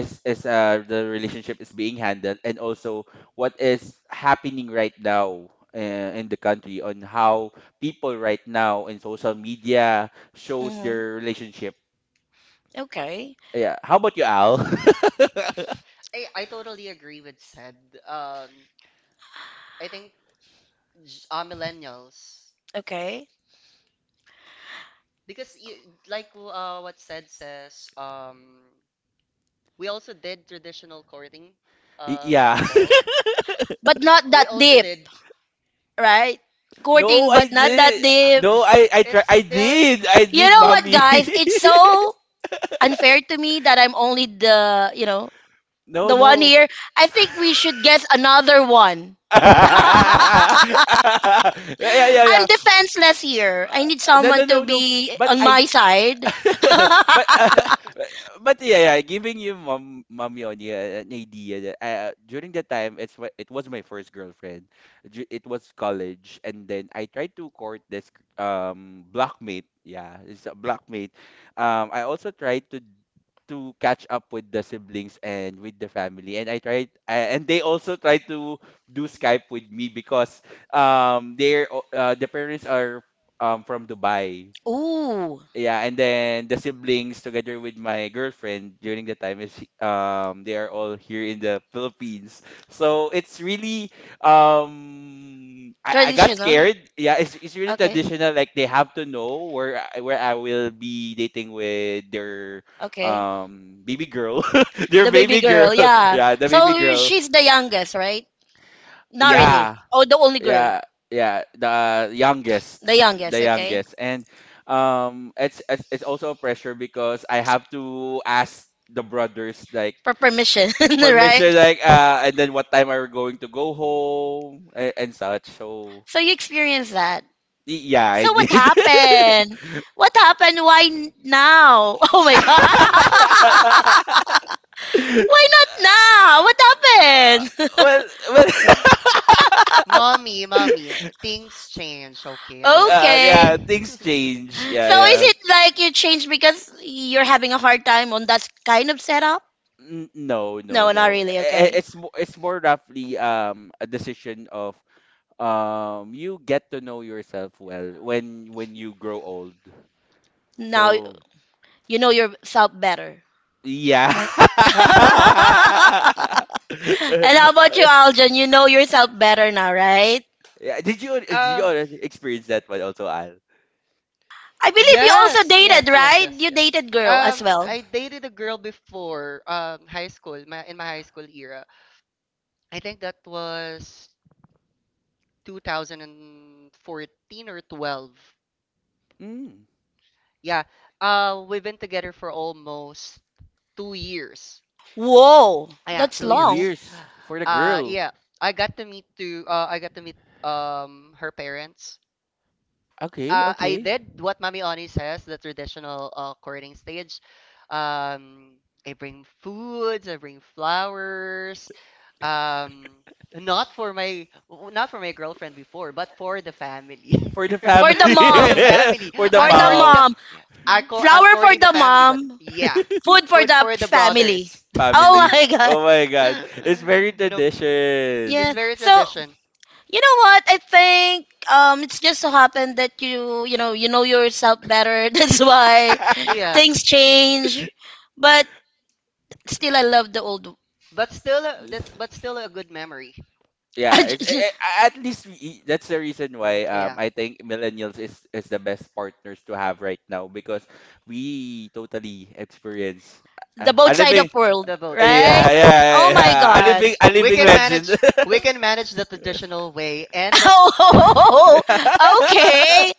Speaker 2: Mhm. Okay.
Speaker 3: I, I totally agree with said. Um, I think, j- uh, millennials,
Speaker 2: Okay.
Speaker 3: because you, like w- uh, what said says, um we also did traditional courting, um, people.
Speaker 2: But not
Speaker 3: We
Speaker 2: that
Speaker 3: also
Speaker 2: deep,
Speaker 3: did.
Speaker 2: right? Courting, but not
Speaker 3: There,
Speaker 2: that deep.
Speaker 3: it's still.
Speaker 2: You know what, guys? It's so unfair to me that I'm only the, you know, the one here. I think we should guess another one. I'm defenseless here. I need someone to be on my side.
Speaker 3: No.
Speaker 2: Ooh, traditional. Okay, okay. The baby girl, yeah. So she's the youngest, right? Not really. Oh, the only girl. The youngest, okay? For permission, right? So you experienced that. So what happened? What happened? Why n- now? Oh my god. Why not now? What happened?
Speaker 3: Mommy, mommy, things change, okay, in the world.
Speaker 2: Okay. So is it like you changed because you're having a hard time on that kind of setup? No, not really. Okay. Now you know yourself better. And how about you, Aljan? You know yourself better now, right?
Speaker 3: um,
Speaker 2: I believe you also
Speaker 3: Yes,
Speaker 2: dated,
Speaker 3: yes, yes,
Speaker 2: right?
Speaker 3: yes,
Speaker 2: You
Speaker 3: yes.
Speaker 2: dated girl as
Speaker 3: Um,
Speaker 2: well.
Speaker 3: I dated a girl before, um high school, my in my high school era. I think that was two thousand fourteen or twelve. Yeah. Uh, we've been together for almost two years.
Speaker 2: Whoa,
Speaker 3: Yeah,
Speaker 2: that's
Speaker 3: two
Speaker 2: long.
Speaker 3: years. Uh, yeah. I got to meet to uh, I got to meet um her parents. uh, I did what Mami Oni says, the traditional, uh, courting stage. Um, I bring foods, I bring flowers. Um, not for my w- not for my girlfriend before, but for the family.
Speaker 2: For the
Speaker 3: For the
Speaker 2: mom,
Speaker 3: family.
Speaker 2: for
Speaker 3: I'm
Speaker 2: the
Speaker 3: courting the
Speaker 2: mom,
Speaker 3: yeah, I cour I'm
Speaker 2: flower for
Speaker 3: courting the
Speaker 2: the
Speaker 3: family, but
Speaker 2: mom,
Speaker 3: yeah,
Speaker 2: food for
Speaker 3: food
Speaker 2: the
Speaker 3: for the
Speaker 2: family.
Speaker 3: brothers.
Speaker 2: Oh my god.
Speaker 3: You know,
Speaker 2: Yeah.
Speaker 3: it's very
Speaker 2: So
Speaker 3: tradition.
Speaker 2: you know what? I think um, it's just so happened that you you know you know yourself better. That's why
Speaker 3: Yeah.
Speaker 2: things change. But Still, I love the old,
Speaker 3: But still, a- that's but still a good memory. Yeah.
Speaker 2: the both side of world,
Speaker 3: The both side.
Speaker 2: right?
Speaker 3: Yeah.
Speaker 2: Oh my God.
Speaker 3: We can manage. We can manage the traditional way, and the-
Speaker 2: Oh, okay.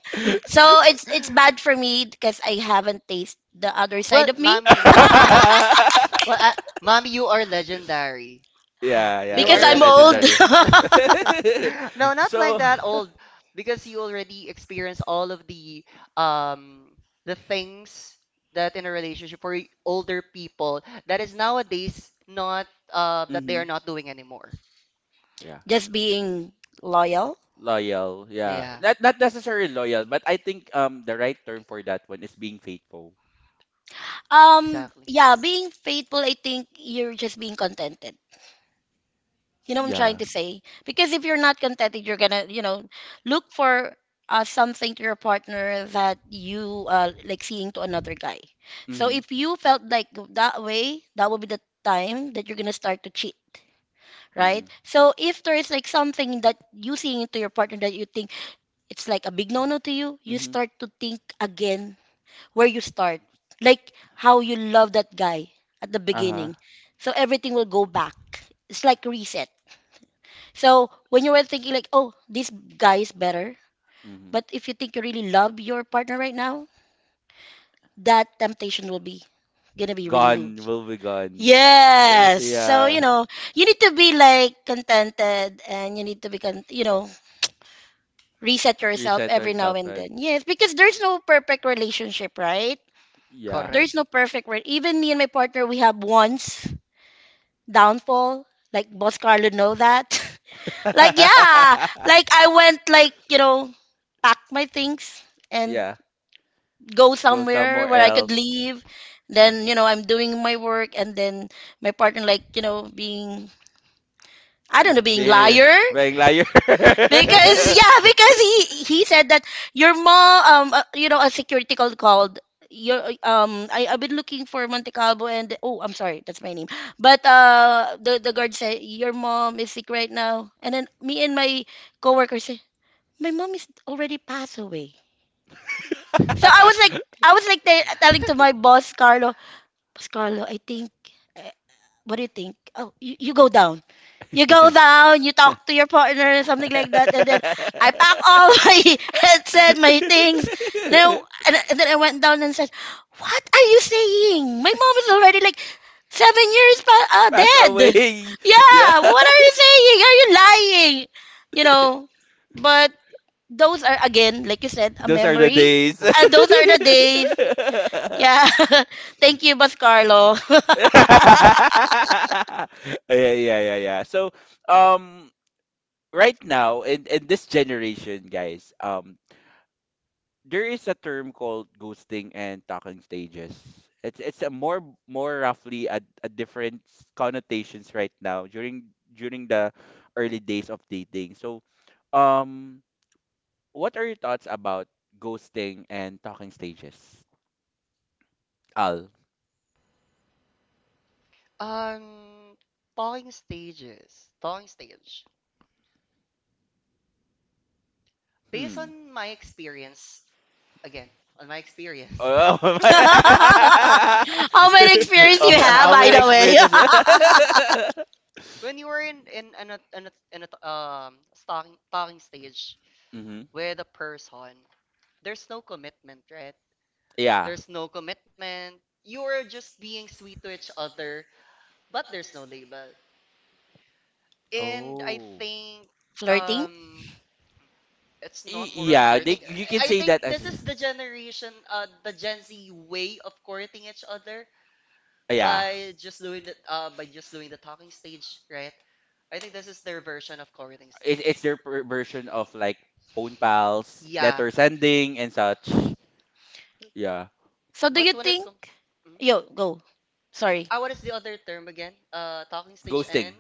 Speaker 2: So it's it's bad for me because I haven't tasted the other
Speaker 3: Well,
Speaker 2: side of me.
Speaker 3: mommy. Well, I, mommy, you are legendary. You
Speaker 2: Because
Speaker 3: are
Speaker 2: I'm old.
Speaker 3: legendary. No, not like that old because you already experienced all of the um the things that in a relationship for y- older people that is nowadays not, uh that they are not doing anymore.
Speaker 2: Just being loyal.
Speaker 3: Yeah,
Speaker 2: Um,
Speaker 3: exactly.
Speaker 2: yeah, being faithful. I think you're just being contented. You know what I'm trying to say? Because if you're not contented, you're gonna, you know, look for uh, something to your partner that you uh, like seeing to another guy. So if you felt like that way, that will be the time that you're gonna start to cheat, right? So if there is like something that you seeing to your partner that you think it's like a big no-no to you, you start to think again where you start, like how you love that guy at the beginning. So everything will go back. It's like reset. So when you were thinking like, oh, this guy is better, but if you think you really love your partner right now, that temptation will be gonna be removed. Yes. So, you know, you need to be like contented and you need to be con- you know, reset yourself every now and then. Yes, because there's no perfect relationship, right?
Speaker 3: Correct.
Speaker 2: There's no perfect re- even me and my partner, we have once downfall. Like Boss Carlo know that. Like yeah, like I went like, you know, pack my things and go somewhere where I could leave. Then, you know, I'm doing my work and then my partner like, you know, being, I don't know, being liar, because yeah, because he he said that your mom, um uh, you know, a security call called your um I I've been looking for Monte Calvo. And oh, I'm sorry, that's my name. But uh the the guard said your mom is sick right now. And then me and my coworker say, my mom is already passed away. So I was like, I was like te- telling to my boss, Carlo. Boss Carlo, I think, uh, what do you think? Oh, you, you go down. You go down, you talk to your partner and something like that. And then I pack all my headset, my things. And, I, and, I- and then I went down and said, what are you saying? My mom is already like seven years pa- uh, dead. Yeah, what are you saying? Are you lying? You know, but those are, again, like you said, a memory.
Speaker 3: Those are
Speaker 2: And
Speaker 3: the
Speaker 2: those are the
Speaker 3: days.
Speaker 2: days. Yeah. Thank you, Boss Carlo.
Speaker 3: Um, talking stages, talking stage. Based on my experience, again, on my experience.
Speaker 2: How many experience you have, by the way?
Speaker 3: When you were in in an a- an a- an a- um talking talking stage with a person, there's no commitment, right? There's no commitment. You are just being sweet to each other, but there's no label. And I think,
Speaker 2: Flirting.
Speaker 3: um it's not moron flirting. I I think this is the generation, uh, the Gen Z way of courting each other, by just doing the uh, by just doing the talking stage, right? I think this is their version of courting stage. Yeah.
Speaker 2: So do
Speaker 3: But
Speaker 2: you
Speaker 3: when it
Speaker 2: think
Speaker 3: comes,
Speaker 2: yo go? Sorry.
Speaker 3: ah, what is the other term again? Uh, talking stage and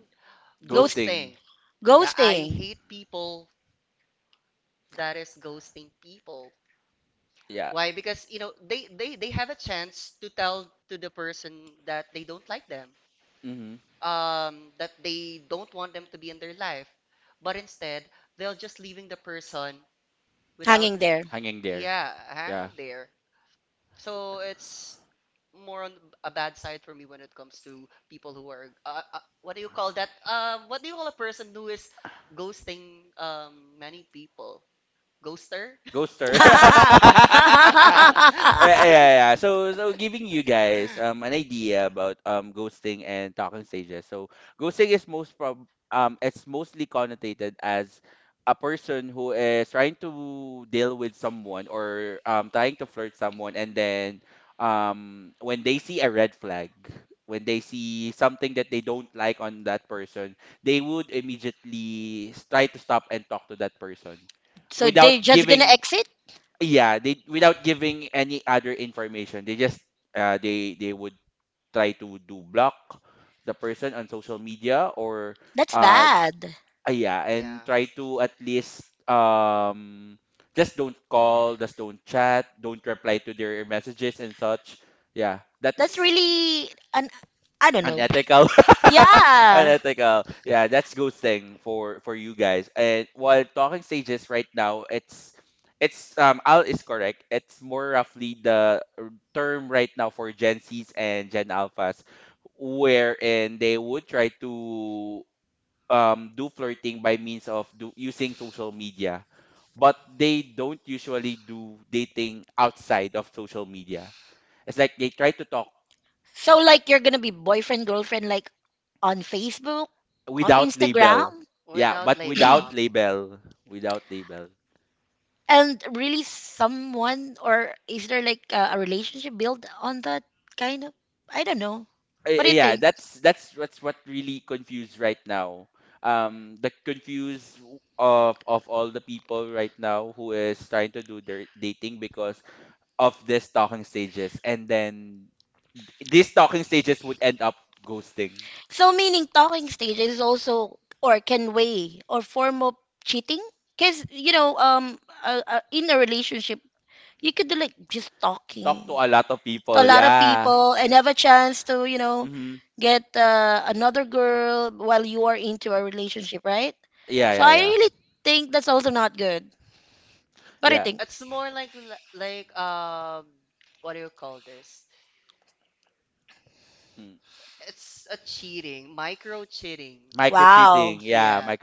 Speaker 2: Ghost
Speaker 3: ghosting. Yeah, I
Speaker 2: ghosting.
Speaker 3: hate people that is ghosting people. Why? Because you know they they they have a chance to tell to the person that they don't like them, um, that they don't want them to be in their life, but instead they'll just leaving the person without.
Speaker 2: Hanging there.
Speaker 3: Yeah, hang there. So it's more on a bad side for me when it comes to people who are, uh, uh, what do you call that? Um, what do you call a person who is ghosting um many people? Ghoster?
Speaker 2: So they just gonna exit? That's bad.
Speaker 3: Yeah.
Speaker 2: That's really an I don't know. Yeah. So like you're gonna be boyfriend girlfriend like on Facebook, on Instagram,
Speaker 3: Without label bombing.
Speaker 2: and really someone or is there like a, a relationship built on that kind of? I don't know. What do you So meaning talking stage is also or can weigh or form of cheating because you know um uh, uh, in a relationship you could do like just talking to a lot of
Speaker 3: Hmm.
Speaker 2: people and have a chance to you know get uh, another girl while you are into a relationship, right? So I really think that's also not good. What do you think?
Speaker 3: It's more like l- like um what do you call this? It's a cheating, micro cheating.
Speaker 2: Wow.
Speaker 3: Yeah.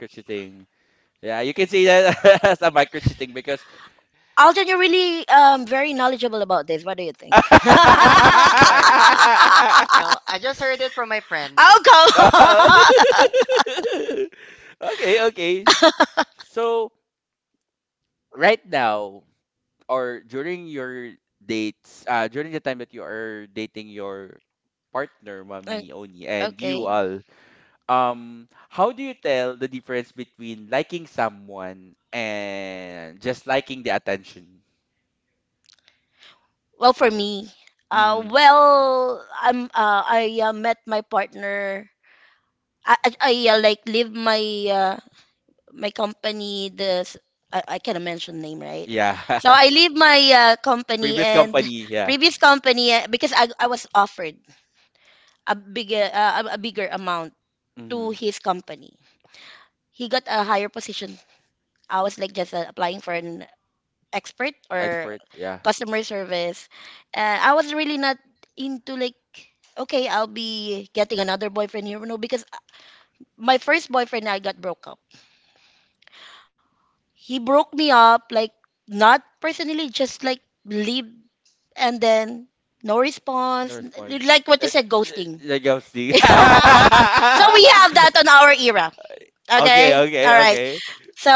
Speaker 2: Alton, you're really um very knowledgeable about this. What do you think?
Speaker 3: Uh-huh, I'm sorry. I'm sorry. No, I just heard it from my friend.
Speaker 2: Oh, go. Okay. Well, for me, uh, well, I'm uh, I uh, met my partner. I I, I uh, like leave my uh, my company. This I, I cannot mention name, right? So I leave my uh, company and previous company uh, because I I was offered a bigger uh, a a bigger amount to his company. He got a higher position. I was like just uh, applying for an expert or customer service. Uh, I was really not into like, okay, I'll be getting another boyfriend here. No, because my first boyfriend, I got broke up. He broke me up, like not personally, just like leave and then no response. Like what you said, ghosting. So we have that on our era. Okay. All right. So,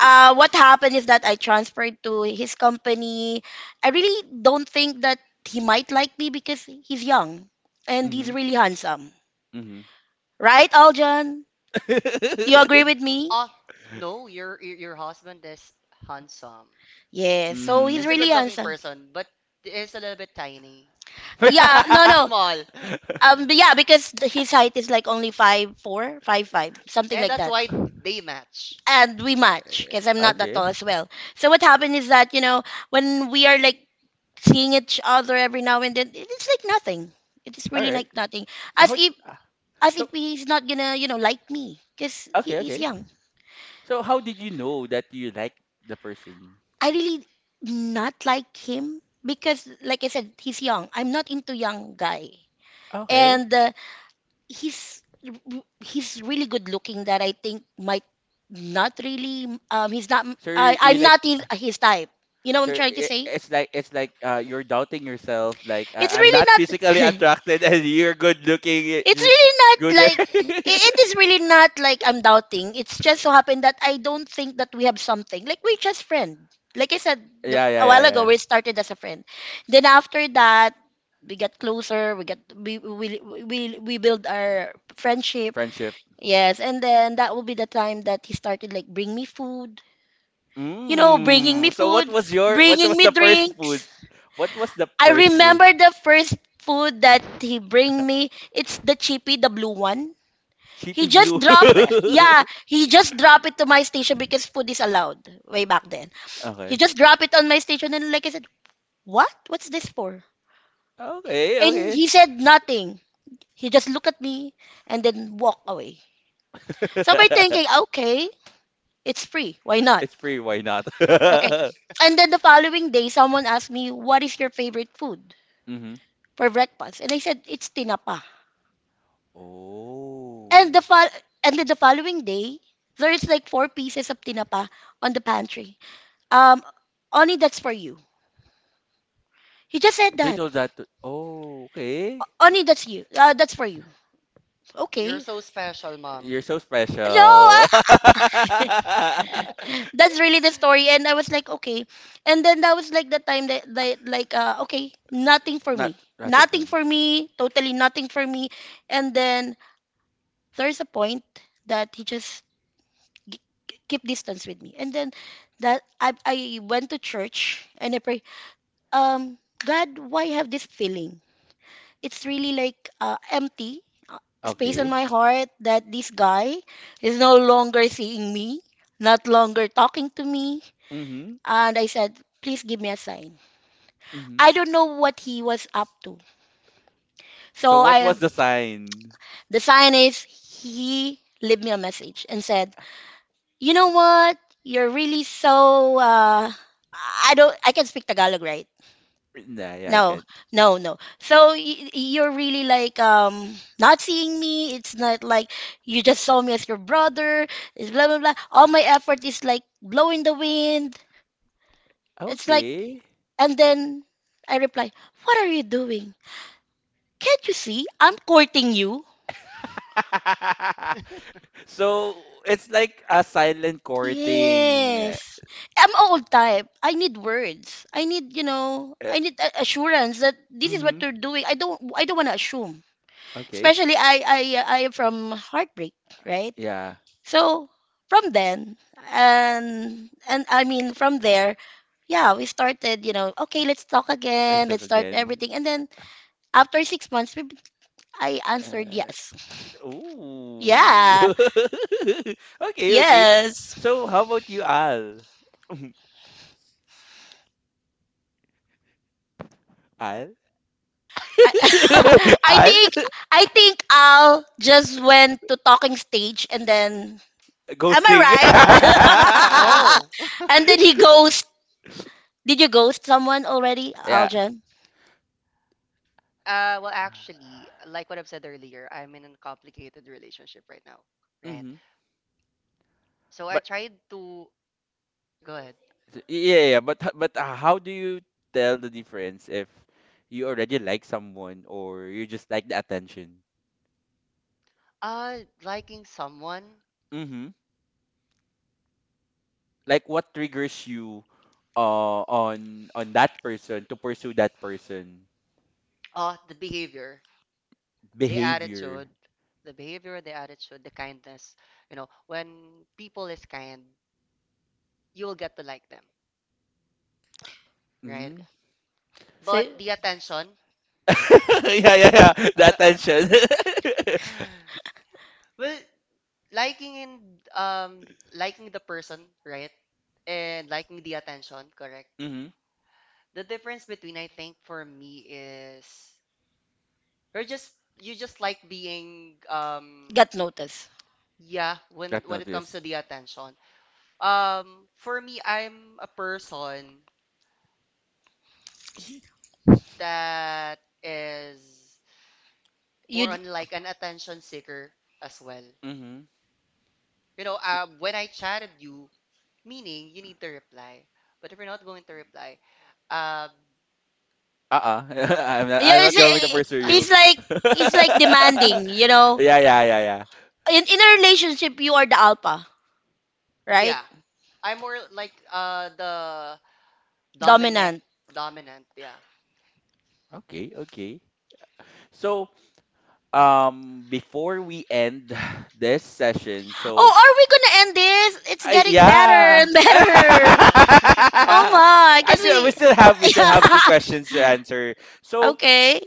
Speaker 2: uh, what happened is that I transferred to his company. I really don't think that he might like me because he's young and he's really handsome. Right, Aljan? You agree with me?
Speaker 3: Oh, no, your your your husband is handsome.
Speaker 2: Yeah, so he's
Speaker 3: He's a
Speaker 2: really
Speaker 3: good-looking
Speaker 2: handsome.
Speaker 3: person, but he's a little bit tiny.
Speaker 2: Yeah, no, no.
Speaker 3: Small.
Speaker 2: Um, but yeah, because th- his height is like only five four, five five, something
Speaker 3: And
Speaker 2: like
Speaker 3: that's
Speaker 2: that.
Speaker 3: why they match.
Speaker 2: And we match because I'm not that tall as well. So what happened is that you know when we are like seeing each other every now and then it- it's like nothing, it is really like nothing, as if, as if he's not gonna you know like me because he, he's young. I really not like him because, like I said, he's young. I'm not into young guy. And uh, he's he's really good looking that I think might not really um he's not I, I'm not his, his type. You know what I'm trying to say. It's really not. It's really not like i- it is really not like I'm doubting. It's just so happened that I don't think that we have something. Like, we're just friends. Like I said, the, a while ago, we started as a friend. Then after that, we got closer. We got we we we we build our friendship. Yes, and then that will be the time that he started like bring me food. You know, bringing me food, bringing me drinks. I remember the first food that he bring me. It's the chippy, the blue one. He just drop, yeah, he just drop it to my station because food is allowed way back then. He just drop it on my station, and like I said, "What? What's this for?" And he said nothing. He just looked at me and then walk away. So by thinking, "Okay, it's free. Why not?" Okay. And then the following day, someone asked me, "What is your favorite food for breakfast?" And I said, "It's tinapa." And the fol- and then the following day, there's like four pieces of tinapa on the pantry. Um, Oni, that's for you. He just said that. Oni, that's you. Uh, that's for you.
Speaker 3: You're
Speaker 2: Okay.
Speaker 3: so special, mom.
Speaker 2: No, I, That's really the story. And I was like, okay. And then that was like the time that, that like, uh, okay, nothing for me. Nothing for me. Totally nothing for me. And then there's a point that he just g- keep distance with me. And then that I I went to church and I pray, um, God, why have this feeling? It's really like uh, empty uh, space in my heart that this guy is no longer seeing me, not longer talking to me. And I said, please give me a sign. I don't know what he was up to. So I, the sign is he leave me a message and said, you know what? You're really so, uh, I don't, I can speak Tagalog, right? No, no, no. So y- you're really like um not seeing me. It's not like you just saw me as your brother. It's blah blah blah. All my effort is like blowing the wind. It's like, and then I reply, "What are you doing? Can't you see I'm courting you?" Yes. I'm old type. I need words. I need, you know, I need a- assurance that this is what you're doing. I don't I don't want to assume. Especially I I I am from heartbreak, right? So from then, and and I mean from there, yeah, we started. You know, okay, let's talk again. Let's start everything. And then after six months, we, I answered yes. Yeah, yes. I, I think I think Al just went to talking stage, and then am I
Speaker 3: Ghosting.
Speaker 2: right?
Speaker 3: No.
Speaker 2: And then he ghost. Did you ghost someone already, Aljan?
Speaker 3: Uh, well, actually, like what I've said earlier, I'm in a complicated relationship right now, right? So I tried to go ahead. Uh, liking someone, uh, the behavior, the attitude, the behavior, the attitude, the kindness. You know, when people is kind, you'll get to like them, right?
Speaker 2: So
Speaker 3: But the attention. well, Liking and um liking the person, right? And liking the attention, correct? The difference between I think for me is or just you just like being um
Speaker 2: got notice.
Speaker 3: yeah, when when it comes to the attention. Um, for me I'm a person that is more
Speaker 2: You
Speaker 3: on like an attention seeker as well. You know, uh, when I chatted you, meaning you need to reply. But if you're not going to reply, um.
Speaker 2: yeah, it's, it's like it's like demanding, you know. In in a relationship, you are the alpha, right?
Speaker 3: Yeah, I'm more like uh the dominant.
Speaker 2: Dominant.
Speaker 3: Dominant. Yeah.
Speaker 2: Oh, are we gonna end this? It's getting better and better.
Speaker 3: Yeah.
Speaker 2: Oh my, can we? Yeah. Okay.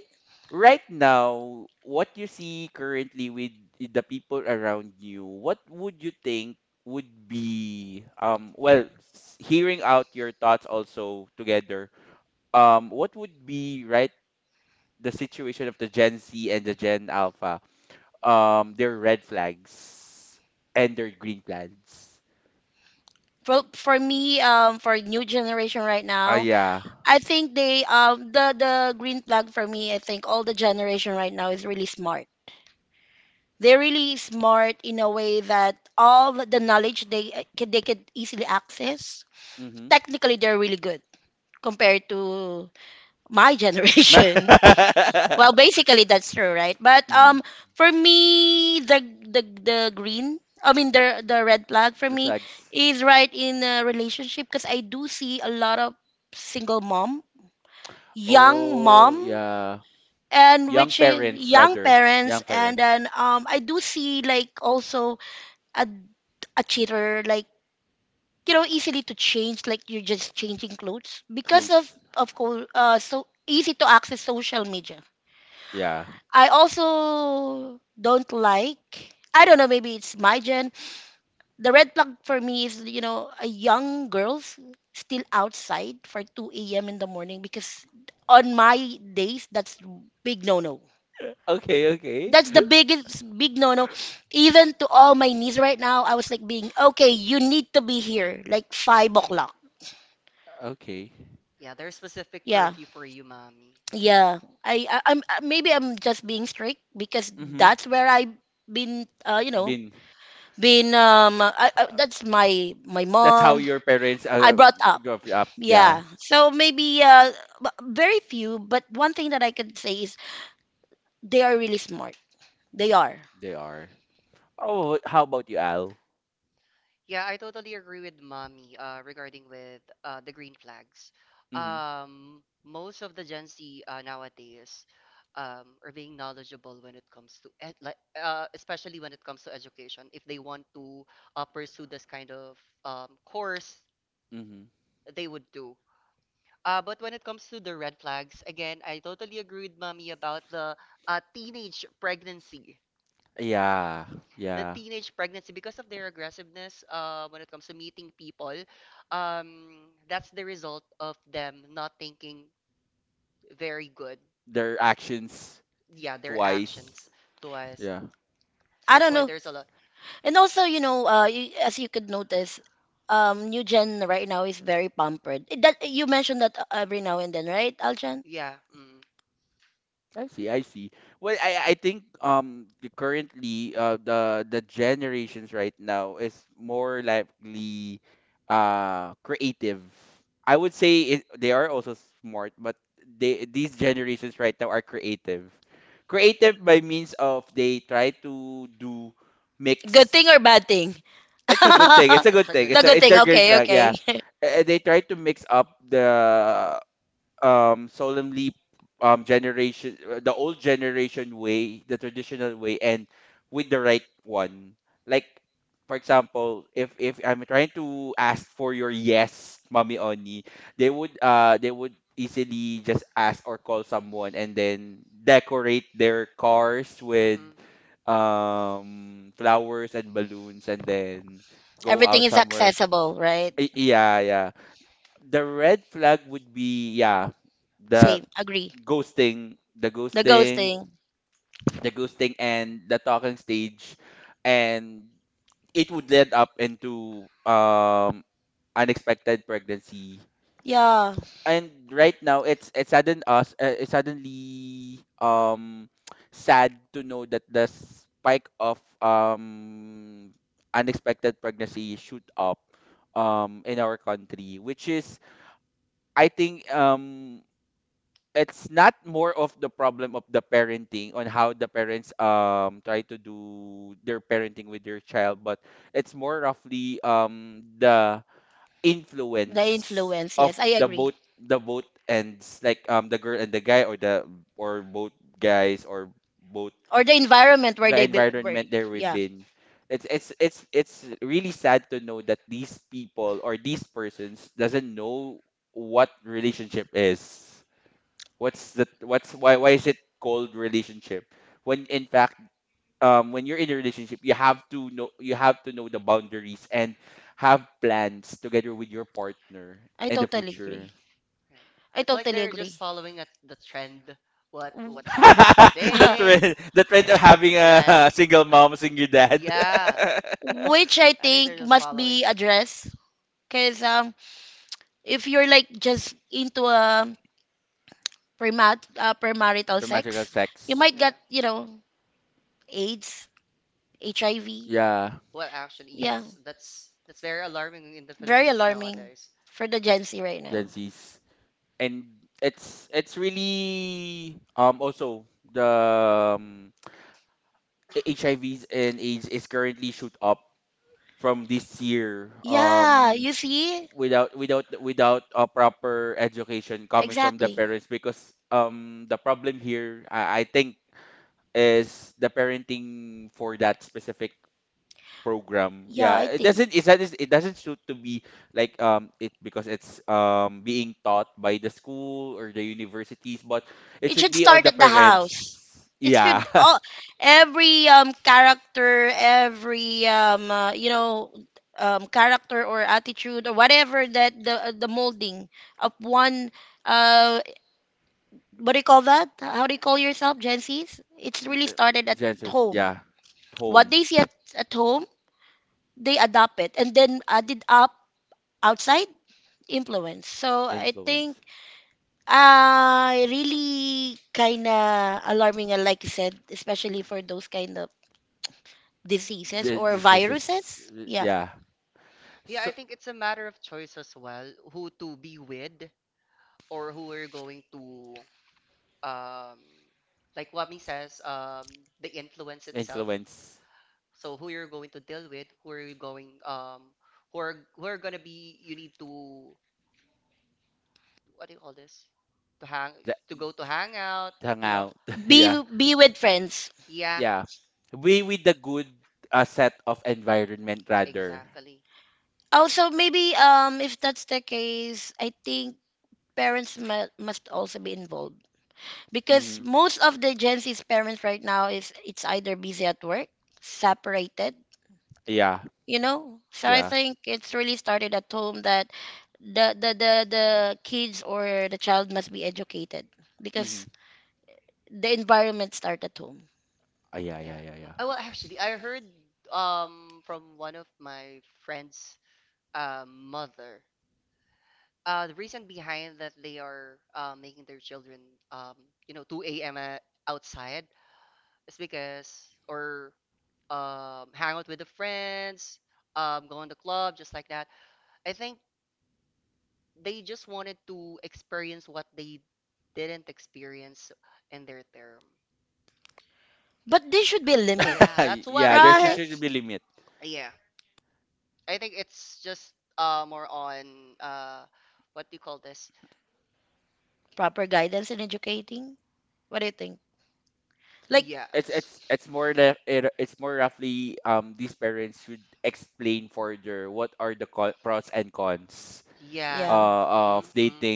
Speaker 2: For, for me, um, for new generation right now, I think they um the the green flag for me, I think all the generation right now is really smart. They're really smart in a way that all the knowledge they uh, can, they could easily access. Technically, they're really good compared to my generation. Well, basically that's true, right? But um, for me, the the the green, I mean the the red flag for me is right in a relationship because I do see a lot of single mom, young mom, and which is young parents, and then um, I do see like also a a cheater like you know easily to change like you're just changing clothes because of of course, uh, so easy to access social media. I also don't like, I don't know, maybe it's my gen. The red flag for me is you know a young girls still outside for two a.m in the morning because on my days that's big no no. That's the biggest big no no. Even to all my niece right now I was like being okay you need to be here like five o'clock.
Speaker 3: Yeah, there's specific
Speaker 2: Yeah,
Speaker 3: curfew for you, mommy.
Speaker 2: yeah. I, I I'm uh, maybe I'm just being strict because that's where I've been, uh, you know, been um. I, I, uh, that's my my mom. I brought up. Yeah. So maybe uh, b- very few. But one thing that I could say is they are really smart. They are.
Speaker 3: Yeah, I totally agree with mommy uh, regarding with uh, the green flags. Um, most of the Gen Z uh, nowadays um, are being knowledgeable when it comes to ed like, uh, especially when it comes to education. If they want to uh, pursue this kind of um, course, they would do. Uh, but when it comes to the red flags, again, I totally agree with mommy about the uh, teenage pregnancy. The teenage pregnancy because of their aggressiveness uh, when it comes to meeting people um, that's the result of them not thinking very good, yeah, their actions to us. So
Speaker 2: I
Speaker 3: that's
Speaker 2: don't
Speaker 3: why
Speaker 2: know.
Speaker 3: there's a lot.
Speaker 2: And also, you know, uh, you, as you could notice, um, new gen right now is very pampered. It- That you mentioned that uh, every now and then, right, Aljan?
Speaker 3: Yeah. Mm.
Speaker 2: Good thing or bad thing?
Speaker 3: It's a good
Speaker 2: The
Speaker 3: thing.
Speaker 2: good thing. Okay, okay.
Speaker 3: Hmm.
Speaker 2: Everything is accessible, right? Same. Agree. The ghosting. Yeah. The influence. Yes, I agree. Or the environment where they be, where, yeah. I totally agree.
Speaker 3: Yeah,
Speaker 2: I
Speaker 3: it's like
Speaker 2: totally
Speaker 3: they're
Speaker 2: agree.
Speaker 3: just following at the trend, what what's the trending today, right? Yeah,
Speaker 2: Which I
Speaker 3: I think
Speaker 2: think
Speaker 3: they're just
Speaker 2: must be
Speaker 3: following it.
Speaker 2: addressed because um if you're like just into a premat uh, premarital sex, you might get,
Speaker 3: Yeah.
Speaker 2: you know, AIDS, H I V.
Speaker 3: Well, actually,
Speaker 2: Yeah,
Speaker 3: yes. That's that's very alarming in the
Speaker 2: very
Speaker 3: Philippines
Speaker 2: alarming
Speaker 3: nowadays.
Speaker 2: for the Gen Z right now. Yeah, you see? Exactly. Yeah, I think. It should start at the house. It should all every um character, every um uh, you know um character or attitude or whatever that the uh, the molding of one uh what do you call that? How do you
Speaker 3: And
Speaker 2: call yourself, Gen Zs? It's really started at home. What they see at, at home, they adopt it and then added up outside influence. So I think, uh, really kind of alarming, uh, like you said, especially for those kind of diseases
Speaker 3: uh,
Speaker 2: or viruses. Yeah.
Speaker 3: yeah, I think it's a matter of choice as well, who to be with or who we're going to um like Wami says, um the influence itself. So who you're going to deal with, who are you going um who are who are gonna be. You need to what do you call this? To hang to go to hang out, you know.
Speaker 2: Be be with friends.
Speaker 3: Yeah, exactly.
Speaker 2: Also, maybe um, if that's the case, I think parents mu- must also be involved because most of the Gen Z's parents right now is it's either busy at work, separated, you know. So I think it's really started at home that the the the, the kids or the child must be educated because the environment start at home.
Speaker 3: Yeah. Oh, well, actually, I heard um from one of my friends' uh, mother. Uh, the reason behind that they are uh, making their children um you know two a m a- outside is because or um hang out with the friends, um go in the club just like that. I think they just wanted to experience what they didn't experience in their term.
Speaker 2: But there should be a limit,
Speaker 3: Yeah, that's what I heard.
Speaker 2: right?
Speaker 3: That's yeah. I think it's just uh more on uh what do you call this?
Speaker 2: Proper guidance in educating. What do you think? Like,
Speaker 3: Yeah, yeah.
Speaker 2: yeah,
Speaker 3: Mm-mm, mm-mm.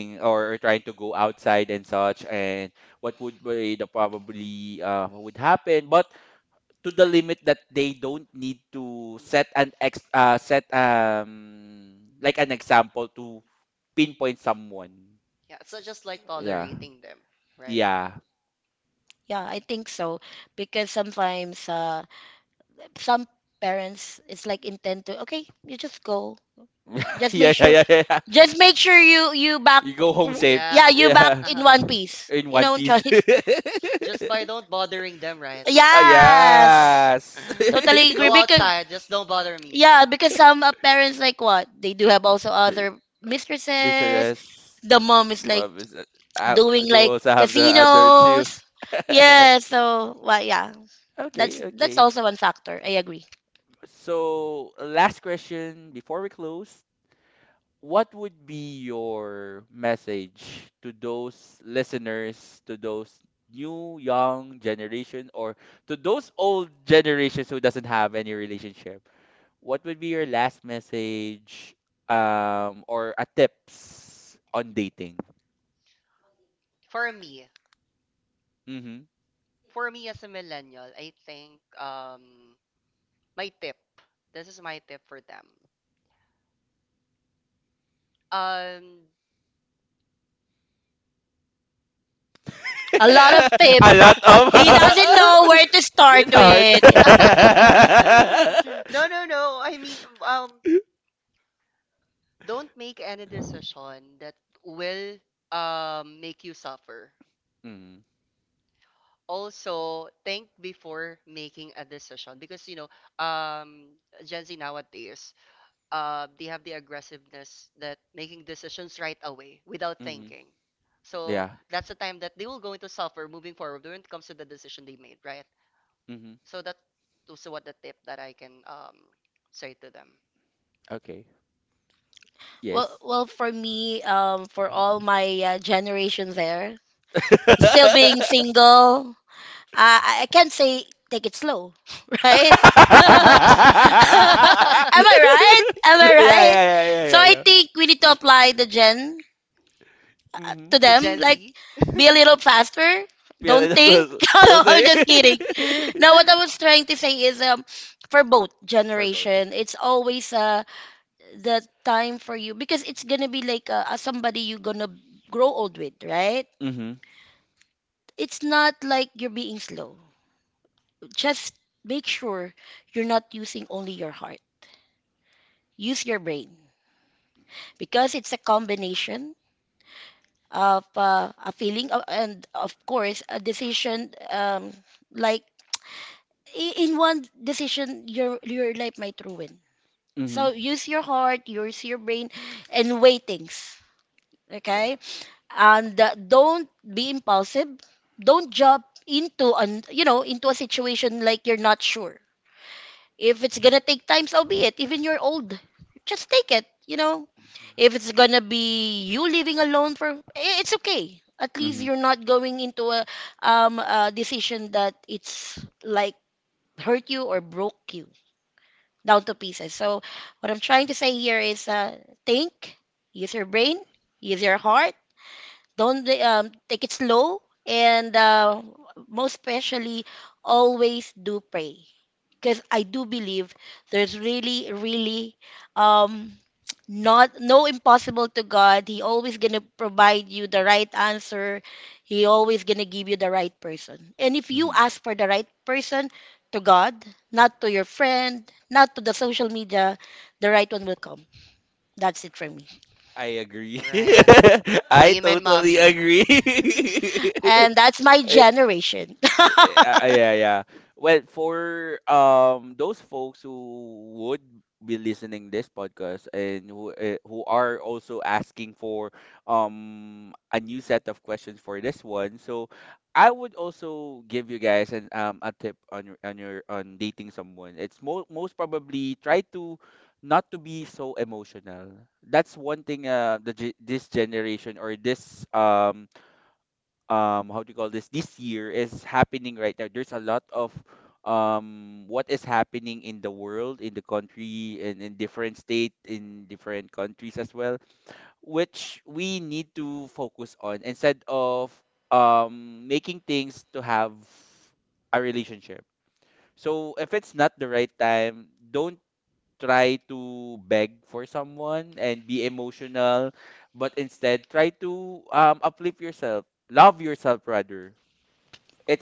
Speaker 3: Yeah, yeah. So just like tolerating them, right?
Speaker 2: yeah, I think so. Because sometimes uh, some parents, it's like intent to, okay, you just go. Just make sure, just make sure you you back, w-
Speaker 3: Yeah.
Speaker 2: yeah, you back in
Speaker 3: Uh-huh.
Speaker 2: one piece. You know, choice.
Speaker 3: Just by don't bothering them, right?
Speaker 2: Yes, totally agree.
Speaker 3: Go
Speaker 2: Because
Speaker 3: outside, just don't bother me.
Speaker 2: yeah, because some uh, parents like what they do have also other mistresses. The mom is like doing like casinos. Yeah, so well, yeah, that's that's also one factor. I agree.
Speaker 3: For me. For me as a millennial, I think um my tip. This is my tip for them. Um.
Speaker 2: A lot of tips. He doesn't know where to start with.
Speaker 3: No, no, no. I mean um don't make any decision that will um make you suffer. Also, think before making a decision because you know, um Gen Z nowadays, uh, they have the aggressiveness that making decisions right away without thinking. So that's the time that they will go into suffer moving forward when it comes to the decision they made, right? So that also what the tip that I can um, say to them.
Speaker 2: Well, well, for me, um, for all my uh, generation there, still being single, uh, I I can't say take it slow, right? Am I right? Am I right? So I think we need to apply the gen to
Speaker 3: The
Speaker 2: them.
Speaker 3: Gen
Speaker 2: Like,
Speaker 3: Z.
Speaker 2: be a little faster. Don't think. No, I'm just kidding. Now what I was trying to say is um, for both generation, it's always uh, the time for you because it's gonna be like uh, uh, somebody you're gonna grow old with, right? It's not like you're being slow. Just make sure you're not using only your heart. Use your brain because it's a combination of uh, a feeling of, and of course a decision um, like i- in one decision your your life might ruin. So use your heart, use your brain, and weigh things. Okay. And uh, don't be impulsive. Don't jump into an you know into a situation like you're not sure. If it's gonna take time, so be it. Even you're old, just take it. You know, if it's gonna be you living alone for, i- it's okay. At least you're not going into a um a decision that it's like hurt you or broke you down to pieces. So what I'm trying to say here is, uh, think, use your brain, use your heart. Don't um take it slow, and uh, most especially, always do pray because I do believe there's really, really, um, not no impossible to God. He always gonna provide you the right answer. He always gonna give you the right person. And if you ask for the right person to God, not to your friend, not to the social media, the right one will come. That's it for me.
Speaker 3: Right. Amen, mommy.
Speaker 2: And that's my generation.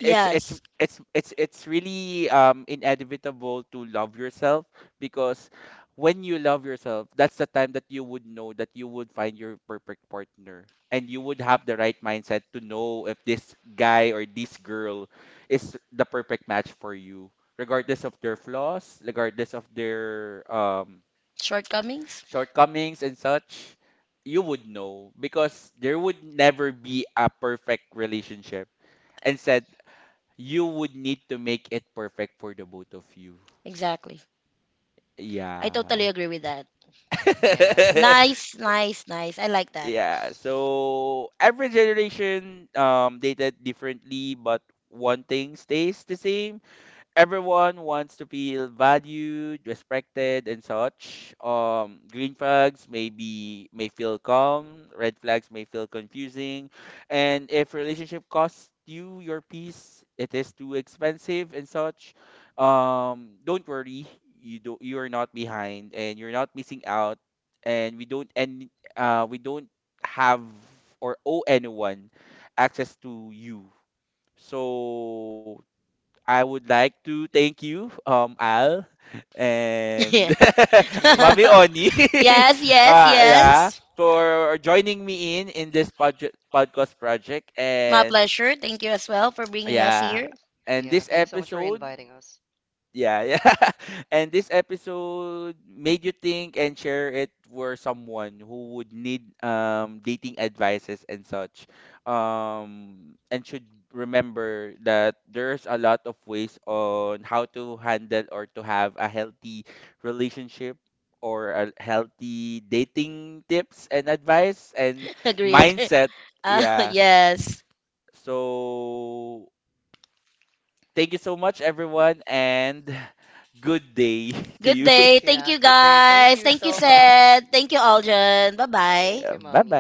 Speaker 2: Yes. Shortcomings? Exactly. I totally agree with that.
Speaker 3: Yes.
Speaker 2: Nice, nice, nice. I like that. Yeah.
Speaker 3: Yeah.
Speaker 2: Yes, yes, yes. My pleasure. Thank you as well for bringing us here.
Speaker 3: Yeah, thank you so much for inviting us.
Speaker 2: Agree, agree. Uh, yes. Good day.
Speaker 3: Yeah,
Speaker 2: Thank you,
Speaker 3: good day. Thank you
Speaker 2: guys. Thank
Speaker 3: so
Speaker 2: you,
Speaker 3: much.
Speaker 2: Seth. Thank you, Aljan. Bye bye.
Speaker 3: Thank you, mommy.